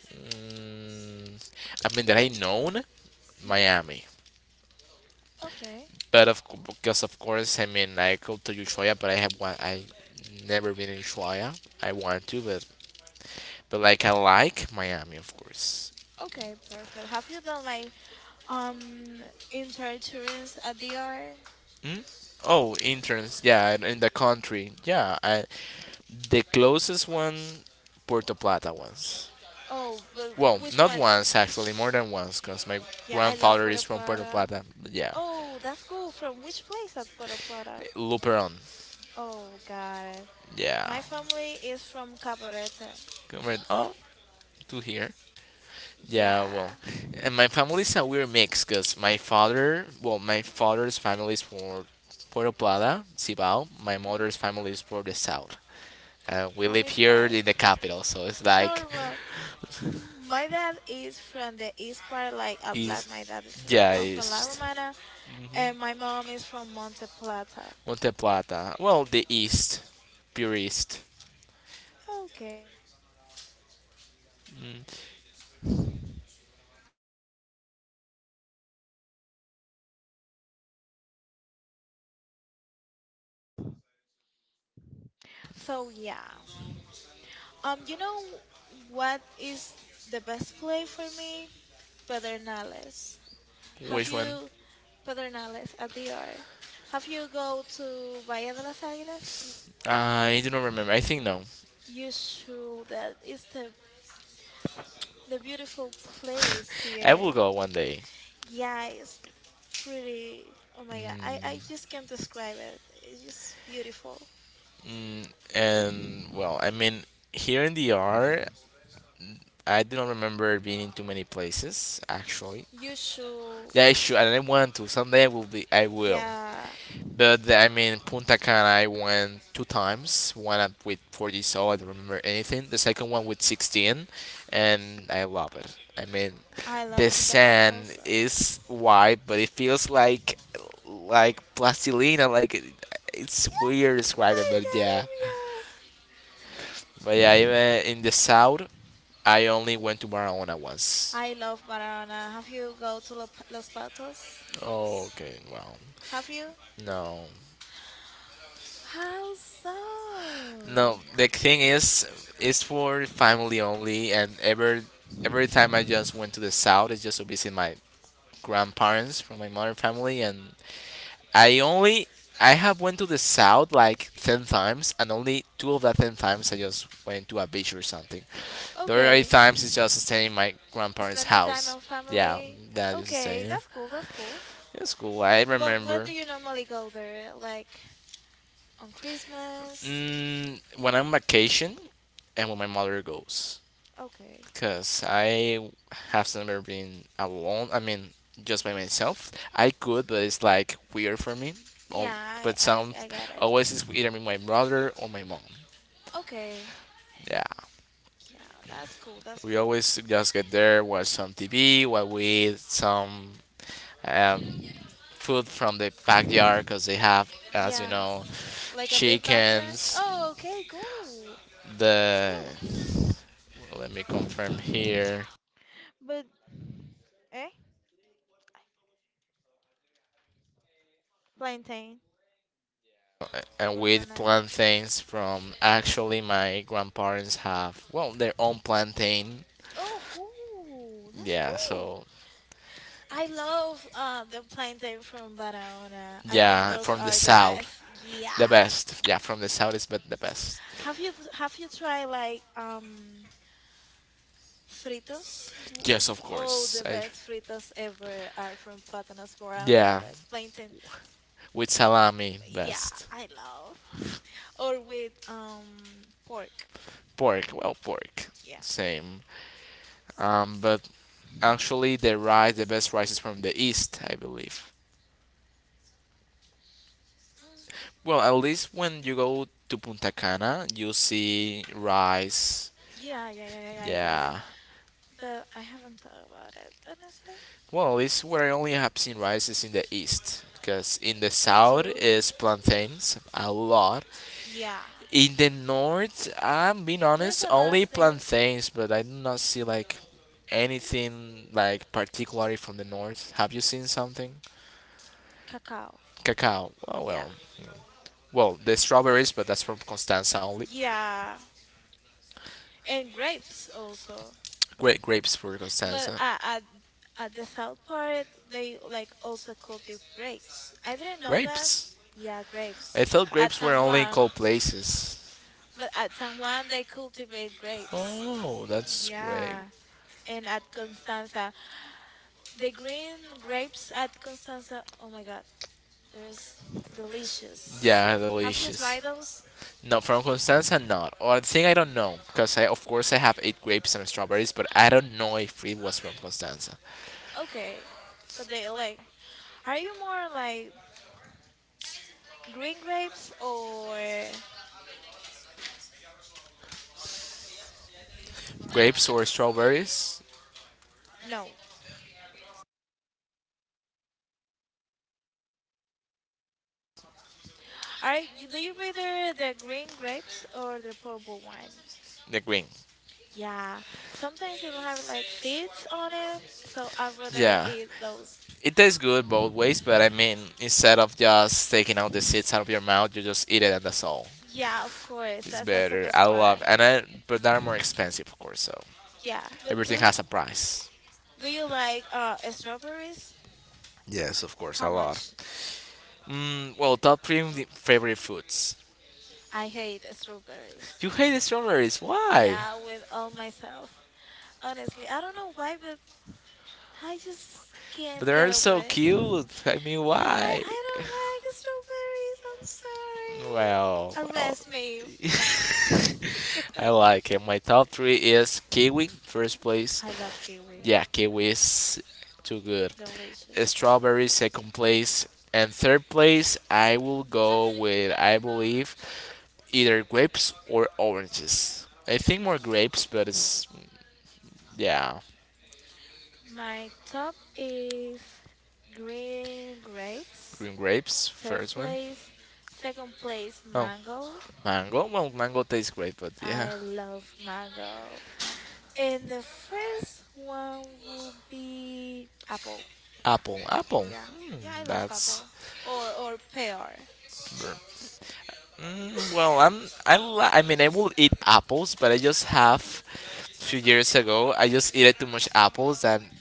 A: Mm, I mean, that I known
B: Hmm.
A: Miami,
B: Okay,
A: but because of course I mean I go to Ushuaia, but I have one I never been in Ushuaia. I want to, but like I like Miami, of course.
B: okay, perfect. Have you done like um intertourism at the art?
A: Hmm? Oh, interns. Yeah, in the country. Yeah, the closest one, Puerto Plata once.
B: Oh, but
A: Well,
B: which
A: not
B: one?
A: once actually, more than once, because my
B: Yeah, I love
A: grandfather
B: Puerto
A: is from Puerto
B: Plata.
A: Plata. But yeah,
B: Oh, that's cool. From which place at Puerto Plata?
A: Luperon.
B: Oh, got it.
A: Yeah.
B: My family is from Cabarete.
A: Oh, to here. Yeah, well,
B: Yeah.
A: and my family is a weird mix, because my father, well, my father's family is for Puerto Plata, Cibao. My
B: Mhm.
A: mother's family is for the south. We
B: From
A: live
B: which
A: here
B: part?
A: in the capital, so it's like.
B: Normal. My dad is from the east part, like at La, my dad is
A: Yeah,
B: I'm from La
A: it's
B: Romana, and my mom is from Monte Plata.
A: Monte Plata. Well, the
B: Yes.
A: east, pure east.
B: Okay. So yeah. You know what is the best play for me? Pedernales. Have
A: Which one?
B: you Pedernales at the R? Have you go to Bahía de las Águilas?
A: I do not remember. I think no.
B: You should. That is the beautiful place
A: I
B: here.
A: will go one day.
B: Yeah, it's pretty. Oh my God, I
A: Mm.
B: I just can't describe it. It's just beautiful.
A: And well, I mean, here in the R, I do not remember being in too many places actually.
B: You should.
A: Yeah, I should, and I want to. Someday I will be. I will.
B: Yeah,
A: But I mean, Punta Cana, I went 2 times. One up with 40, so I don't remember anything. The second one with 16, and I love it. I mean,
B: I
A: the
B: love Punta Cana
A: sand
B: also.
A: is white, but it feels like plastilina. Like it's
B: Yeah,
A: weird describing,
B: I
A: but
B: got
A: yeah.
B: it.
A: But yeah, even in the south, I only went to Barahona once.
B: Yeah. I love Marijuana. Have you go to Los Patos?
A: Oh, okay, well,
B: Have you?
A: no.
B: How so?
A: No, the thing is, it's for family only, and every time I just went to the south, it's just to visit my grandparents from my mother family, and I only I have went to the south like 10 times, and only 2 of that 10 times I just went to a beach or something. The other eight
B: Okay.
A: times is just staying in my grandparents'
B: Spending time
A: house.
B: on
A: Yeah,
B: family.
A: that just
B: Okay,
A: staying.
B: that's cool. That's cool.
A: It's cool. I
B: But when
A: remember.
B: do you normally go there? Like on Christmas?
A: When I'm vacation, and when my mother goes.
B: Okay.
A: Because I have never been alone. I mean, just by myself. I could, but it's like weird for me. Oh,
B: Yeah, I,
A: but some
B: I, I got it.
A: always is either with my brother or my mom.
B: Okay.
A: Yeah,
B: Yeah, that's cool. That's
A: we
B: cool.
A: always just get there, watch some TV, while we eat some um, food from the backyard because they have, as you
B: Yeah,
A: know,
B: like a big backyard.
A: chickens.
B: Oh, okay, cool. Let's
A: The
B: go.
A: Let me confirm here.
B: But eh, plantain
A: And
B: or
A: we'd
B: banana.
A: plant from Actually my grandparents have, well, their own plantain,
B: Oh, cool. That's
A: yeah.
B: cool.
A: So
B: I love the plantain from Barahona. I think
A: yeah,
B: those
A: from the
B: are the best.
A: south,
B: Yeah.
A: the best, yeah, from the south is, but the best,
B: Have you tried like fritos?
A: yes, of
B: Oh,
A: course,
B: the
A: I,
B: best fritos ever are from Plátanos
A: yeah,
B: Barahoneros, plantain.
A: with salami,
B: Yeah,
A: best.
B: I love. Or with pork.
A: Pork, well, pork,
B: Yeah.
A: same. But actually the best rice is from the east, I believe.
B: Mm.
A: Well, at least when you go to Punta Cana, you see rice.
B: Yeah, yeah, yeah, yeah, yeah, I got it.
A: Yeah.
B: But I haven't thought about it, honestly.
A: Well, at least where I only have seen rice is in the east. Because in the
B: Me
A: south
B: too.
A: is plantains, a lot.
B: Yeah,
A: In the north, I'm being
B: there's
A: honest,
B: a lot of
A: only
B: things.
A: plantains, but I do not see like anything like particularly from the north. Have you seen something?
B: Cacao.
A: Cacao. Oh,
B: Yeah.
A: well. Well, the strawberries, but that's from Constanza only.
B: Yeah. And grapes also.
A: Great grapes for
B: But
A: Constanza.
B: at the south part, they like also cultivate grapes. I didn't know that. Yeah, grapes.
A: I thought
B: At
A: grapes were
B: San
A: only in
B: Juan.
A: cold places.
B: But at San Juan, they cultivate grapes.
A: Oh, that's great.
B: Yeah. And at Constanza, the green grapes at Constanza, oh my God, there's delicious.
A: Yeah,
B: Have you
A: delicious.
B: tried those?
A: No, from Constanza, not. Or I think I don't know because I, of course, I have eight grapes and strawberries, but I don't know if it was from Constanza.
B: Okay. But they like, are you more like green grapes or
A: Grapes or strawberries?
B: no? Do you rather the green grapes or the purple ones?
A: The green.
B: Yeah, sometimes it'll have like seeds on it, so I'd rather
A: Yeah.
B: eat those.
A: It tastes good both ways, but I mean, instead of just taking out the seeds out of your mouth, you just eat it and that's all.
B: Yeah, of course.
A: It's
B: That's the
A: better.
B: best
A: I
B: part.
A: love, and I, but they're more expensive, of course. So
B: Yeah, but
A: everything
B: do
A: has a price.
B: do you like strawberries?
A: Yes, of course,
B: How
A: a lot.
B: much?
A: Well, top three of the favorite foods.
B: I hate strawberries.
A: You hate the strawberries. Why?
B: Yeah, with all myself. Honestly, I don't know why, but I just
A: But
B: can't get
A: they're
B: over
A: so
B: it.
A: cute. I mean,
B: No, I
A: why?
B: I don't like strawberries.
A: Well,
B: I'm sorry.
A: well.
B: Arrest me. Um.
A: I like it. My top three is kiwi, first place.
B: I love kiwi.
A: Yeah, kiwis, too good.
B: Delicious.
A: Strawberries, second place. And third place, I will go with, I believe, either grapes or oranges. I think more grapes, but it's, yeah,
B: My top is green grapes.
A: green grapes,
B: Third
A: first one.
B: place, second place,
A: Oh,
B: mango.
A: mango? Well, mango tastes great, but yeah.
B: I love mango. And the first one will be apple.
A: Apple, apple.
B: Yeah. Yeah, I love
A: That's
B: apple. Or pear.
A: Well, I mean I will eat apples, but I just have few years ago I just ate too much apples, and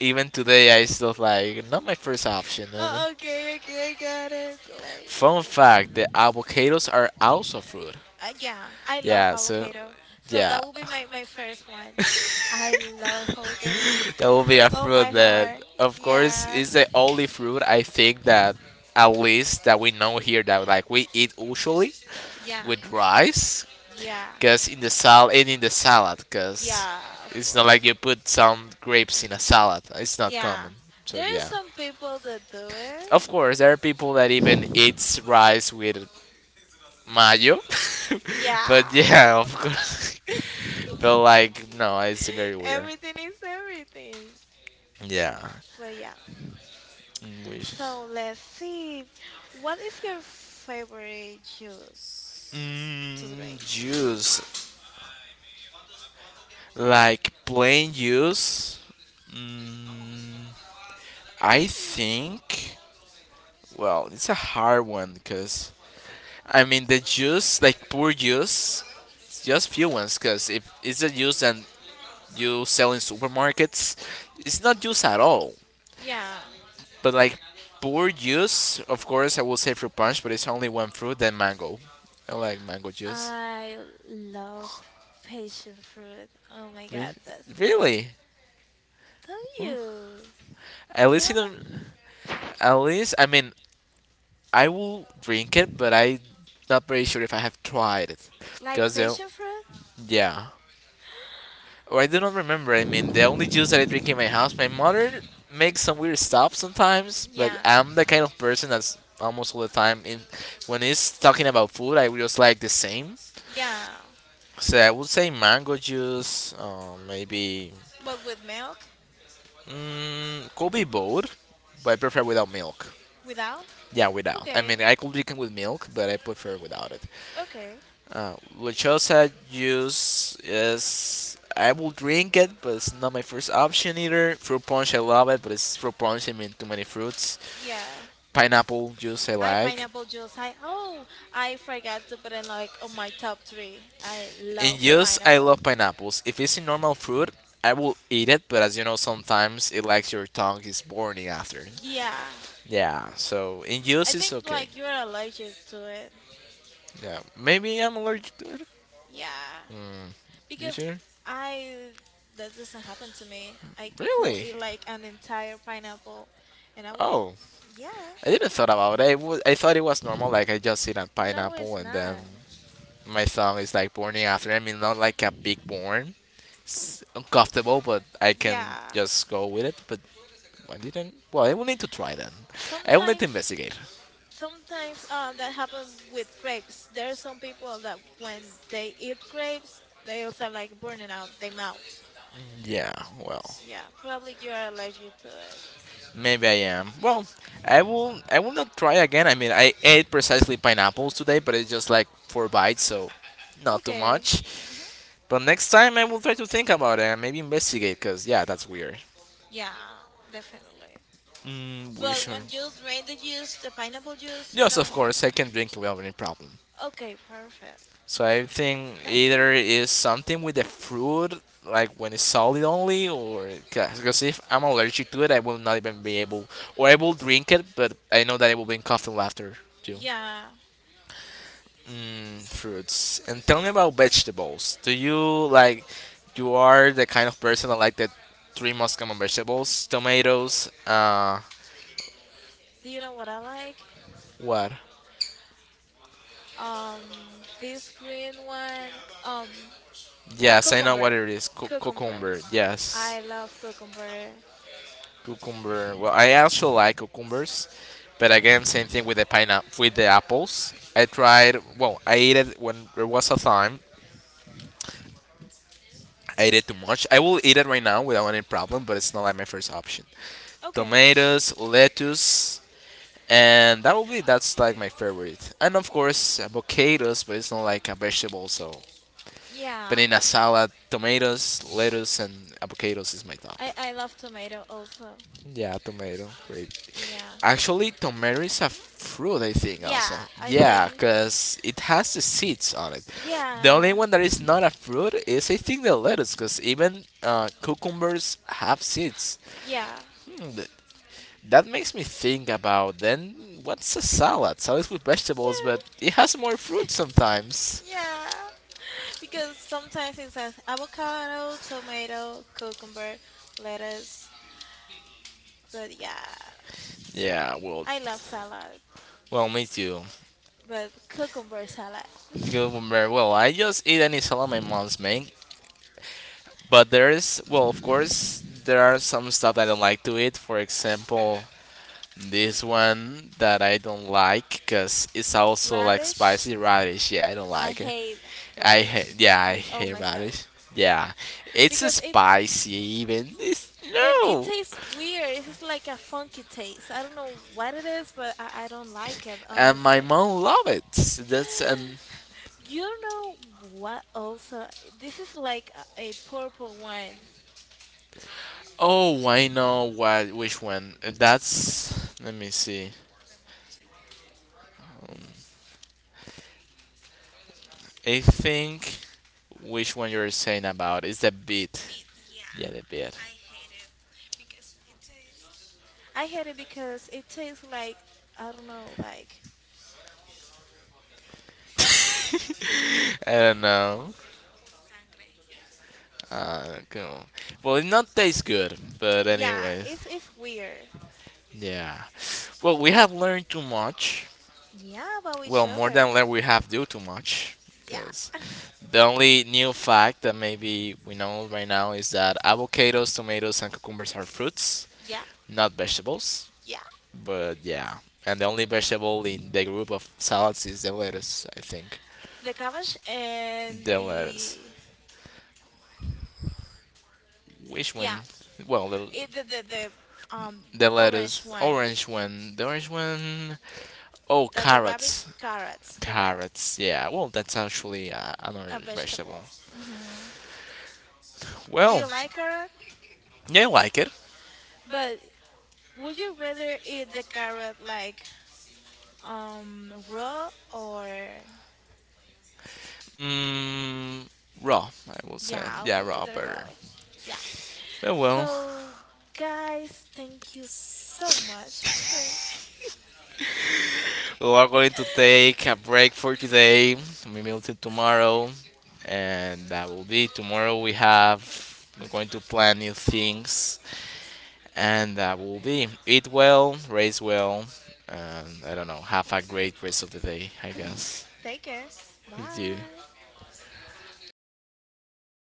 A: even today I still like not my first option. No, no.
B: Oh, okay, okay, I got it. Like
A: Fun fact: the avocados are also fruit.
B: Yeah, I love
A: Yeah, so
B: avocado. So
A: yeah,
B: that will be my first one. I love avocado with
A: that will be a
B: all
A: fruit
B: my
A: that,
B: heart.
A: of course,
B: Yeah,
A: is the only fruit I think that at least that we know here that like we eat usually
B: yeah,
A: with rice.
B: yeah,
A: Cause in the salad, cause
B: yeah, of
A: it's not like you
B: course.
A: put some grapes in a salad. It's not
B: Yeah.
A: common. So
B: There are
A: yeah.
B: some people that do it.
A: Of course, there are people that even eats rice with mayo, but
B: Yeah.
A: yeah, of course. but like, no, it's very weird.
B: Everything is everything.
A: Yeah.
B: But yeah.
A: Which
B: So let's see. What is your favorite juice to drink?
A: juice like plain juice? Mm, I think, well, it's a hard one because I mean the juice, like poor juice, it's just few ones. Because if it's a juice and you sell in supermarkets, it's not juice at all.
B: Yeah.
A: But like poor juice, of course, I will say fruit punch, but it's only one fruit. Then mango. I like mango juice.
B: I love passion fruit. Oh my
A: Re-
B: god, that's
A: Really?
B: do
A: Oh.
B: you?
A: At
B: You
A: least you
B: don't
A: don't.
B: like
A: At least I mean I will drink it, but I not very sure if I have tried it.
B: like
A: Cause they,
B: passion fruit?
A: yeah. Or I do not remember. I mean, the only juice that I drink in my house, my mother makes some weird stuff sometimes, but
B: Yeah,
A: I'm the kind of person that's almost all the time in when it's talking about food, I just like the same.
B: yeah.
A: So I would say mango juice, maybe
B: But with milk?
A: could be both, but I prefer without milk.
B: Without?
A: Yeah, without. I mean,
B: Okay,
A: I could drink it with milk, but I prefer without it.
B: okay.
A: Uh, which also juice is I will drink it, but it's not my first option either. Fruit punch, I love it, but it's fruit punch. I mean, too many fruits.
B: Yeah,
A: Pineapple juice, I
B: Hi,
A: like.
B: pineapple juice. Hi. Oh, I forgot to put in like on my top three. I
A: In
B: love
A: juice, I
B: pineapple.
A: love pineapples. If it's a normal fruit, I will eat it, but as you know, sometimes it likes your tongue is burning after.
B: Yeah.
A: Yeah, so in
B: I
A: juice, it's
B: think
A: okay.
B: like you're allergic to it.
A: Yeah, maybe I'm allergic to it.
B: Yeah.
A: Mm. You
B: Because
A: sure?
B: I that doesn't happen to me. I could
A: Really?
B: eat like an entire pineapple and I will
A: Oh,
B: yeah.
A: I didn't thought about it. I thought it was normal. Like I just eat a
B: No,
A: pineapple
B: it's
A: and then
B: not.
A: my thumb is like burning after. I mean, not like a big burn, it's uncomfortable, but I can
B: Yeah.
A: just go with it. But I didn't. Well, I will need to try then. I will need to
B: Sometimes
A: investigate.
B: sometimes that happen with grapes. There are some people that when they eat grapes, they also like burning out their mouth.
A: Yeah. Well,
B: Yeah, probably you are allergic to it.
A: maybe I am. Well, I will. I will not try again. I mean, I ate precisely pineapples today, but it's just like four bites, so not too
B: Okay.
A: much.
B: Mm-hmm.
A: But next time I will try to think about it and maybe investigate, cause yeah, that's weird.
B: Yeah, definitely.
A: We
B: But
A: should.
B: when you drain the juice, the pineapple juice, you
A: Yes, of
B: don't.
A: course, I can drink without any problem.
B: Okay, perfect.
A: So I think
B: That's
A: either
B: weird.
A: is something with the fruit, like when it's solid only, or because if I'm allergic to it, I will not even be able, or I will drink it, but I know that I will be in coughing laughter too.
B: Yeah.
A: Fruits. And tell me about vegetables. Do you like, you are the kind of person that like the three most common vegetables: tomatoes,
B: Do you know what I like?
A: what?
B: This green one. Um,
A: Yes, I know what
B: cucumber.
A: it is.
B: Cucumber.
A: Cucumber. Yes,
B: I love cucumber.
A: cucumber. Well, I also like cucumbers, but again, same thing with the pineapple, with the apples. I tried. Well, I ate it when there was a time. I ate it too much. I will eat it right now without any problem, but it's not like my first option.
B: Okay.
A: Tomatoes, lettuce, and that will be that's like my favorite. And of course, avocados, but it's not like a vegetable, so
B: Yeah.
A: banana salad, tomatoes, lettuce, and avocados is my top.
B: I love tomato also.
A: Yeah, tomato. Great.
B: Yeah.
A: Actually, tomato is a fruit, I think, also.
B: Yeah, I
A: Yeah, so.
B: think.
A: Because it has the seeds on it. The Yeah. Only
B: Yeah.
A: one that is not a fruit is, I think, the lettuce, because even cucumbers have seeds.
B: Yeah.
A: Hmm, th- that makes me think about then what's a salad? Salad with vegetables, but
B: Yeah.
A: it has more fruit sometimes.
B: Yeah. Because sometimes it says avocado, tomato, cucumber, lettuce. But yeah,
A: Yeah, well,
B: I love salad.
A: well, me too.
B: But cucumber salad.
A: Good very well. I just eat any salad my mom's make, but there is, well, of course, there are some stuff I don't like to eat. For example, this one that I don't like because it's also like
B: Radish,
A: spicy radish. Yeah, I don't
B: I
A: like it.
B: hate
A: I
B: radish
A: hate, yeah, I
B: with all
A: hate radish.
B: myself
A: Yeah, it's
B: because it
A: spicy even. It's
B: and it
A: no,
B: tastes weird. It's like a funky taste. I don't know what it is, but I don't like it,
A: and my
B: honestly.
A: mom love it. That's and.
B: You know what also? This is like a purple one.
A: Oh, I know what which one. That's let me see. I think which one you're saying about is the beat. Yeah, the beat.
B: I hate it because it tastes like, I don't know, like,
A: I don't know. Cool. Well, it not taste good, but
B: yeah,
A: anyway,
B: it's weird.
A: yeah. Well, we have learned too much.
B: Yeah, about
A: Well,
B: each
A: more than
B: other.
A: learn, we have do too much.
B: Yeah.
A: The only new fact that maybe we know right now is that avocados, tomatoes, and cucumbers are fruits,
B: Yeah,
A: not vegetables.
B: yeah.
A: But yeah, and the only vegetable in the group of salads is the lettuce, I think.
B: The cabbage and
A: The lettuce.
B: the,
A: Which
B: yeah,
A: one? Well, the,
B: it, the, um,
A: the
B: orange
A: lettuce.
B: one.
A: Orange one. The orange one. Oh,
B: That the rabbit
A: carrots.
B: carrots, correct?
A: Carrots. Yeah. Well, that's actually another
B: A
A: vegetable.
B: vegetable. Hmm. Do
A: Well,
B: you like carrot?
A: yeah, I like it.
B: But would you rather eat the carrot like raw or
A: Mm, Raw, I would say.
B: yeah,
A: Yeah,
B: or
A: raw
B: the
A: burger.
B: raw? Yeah.
A: Well,
B: So guys, thank you so much for
A: we are going to take a break for today. We will till tomorrow, and that will be tomorrow. We're going to plan new things, and that will be eat well, raise well, and I don't know. Have a great rest of the day, I guess.
B: take care.
A: You do.
B: Bye.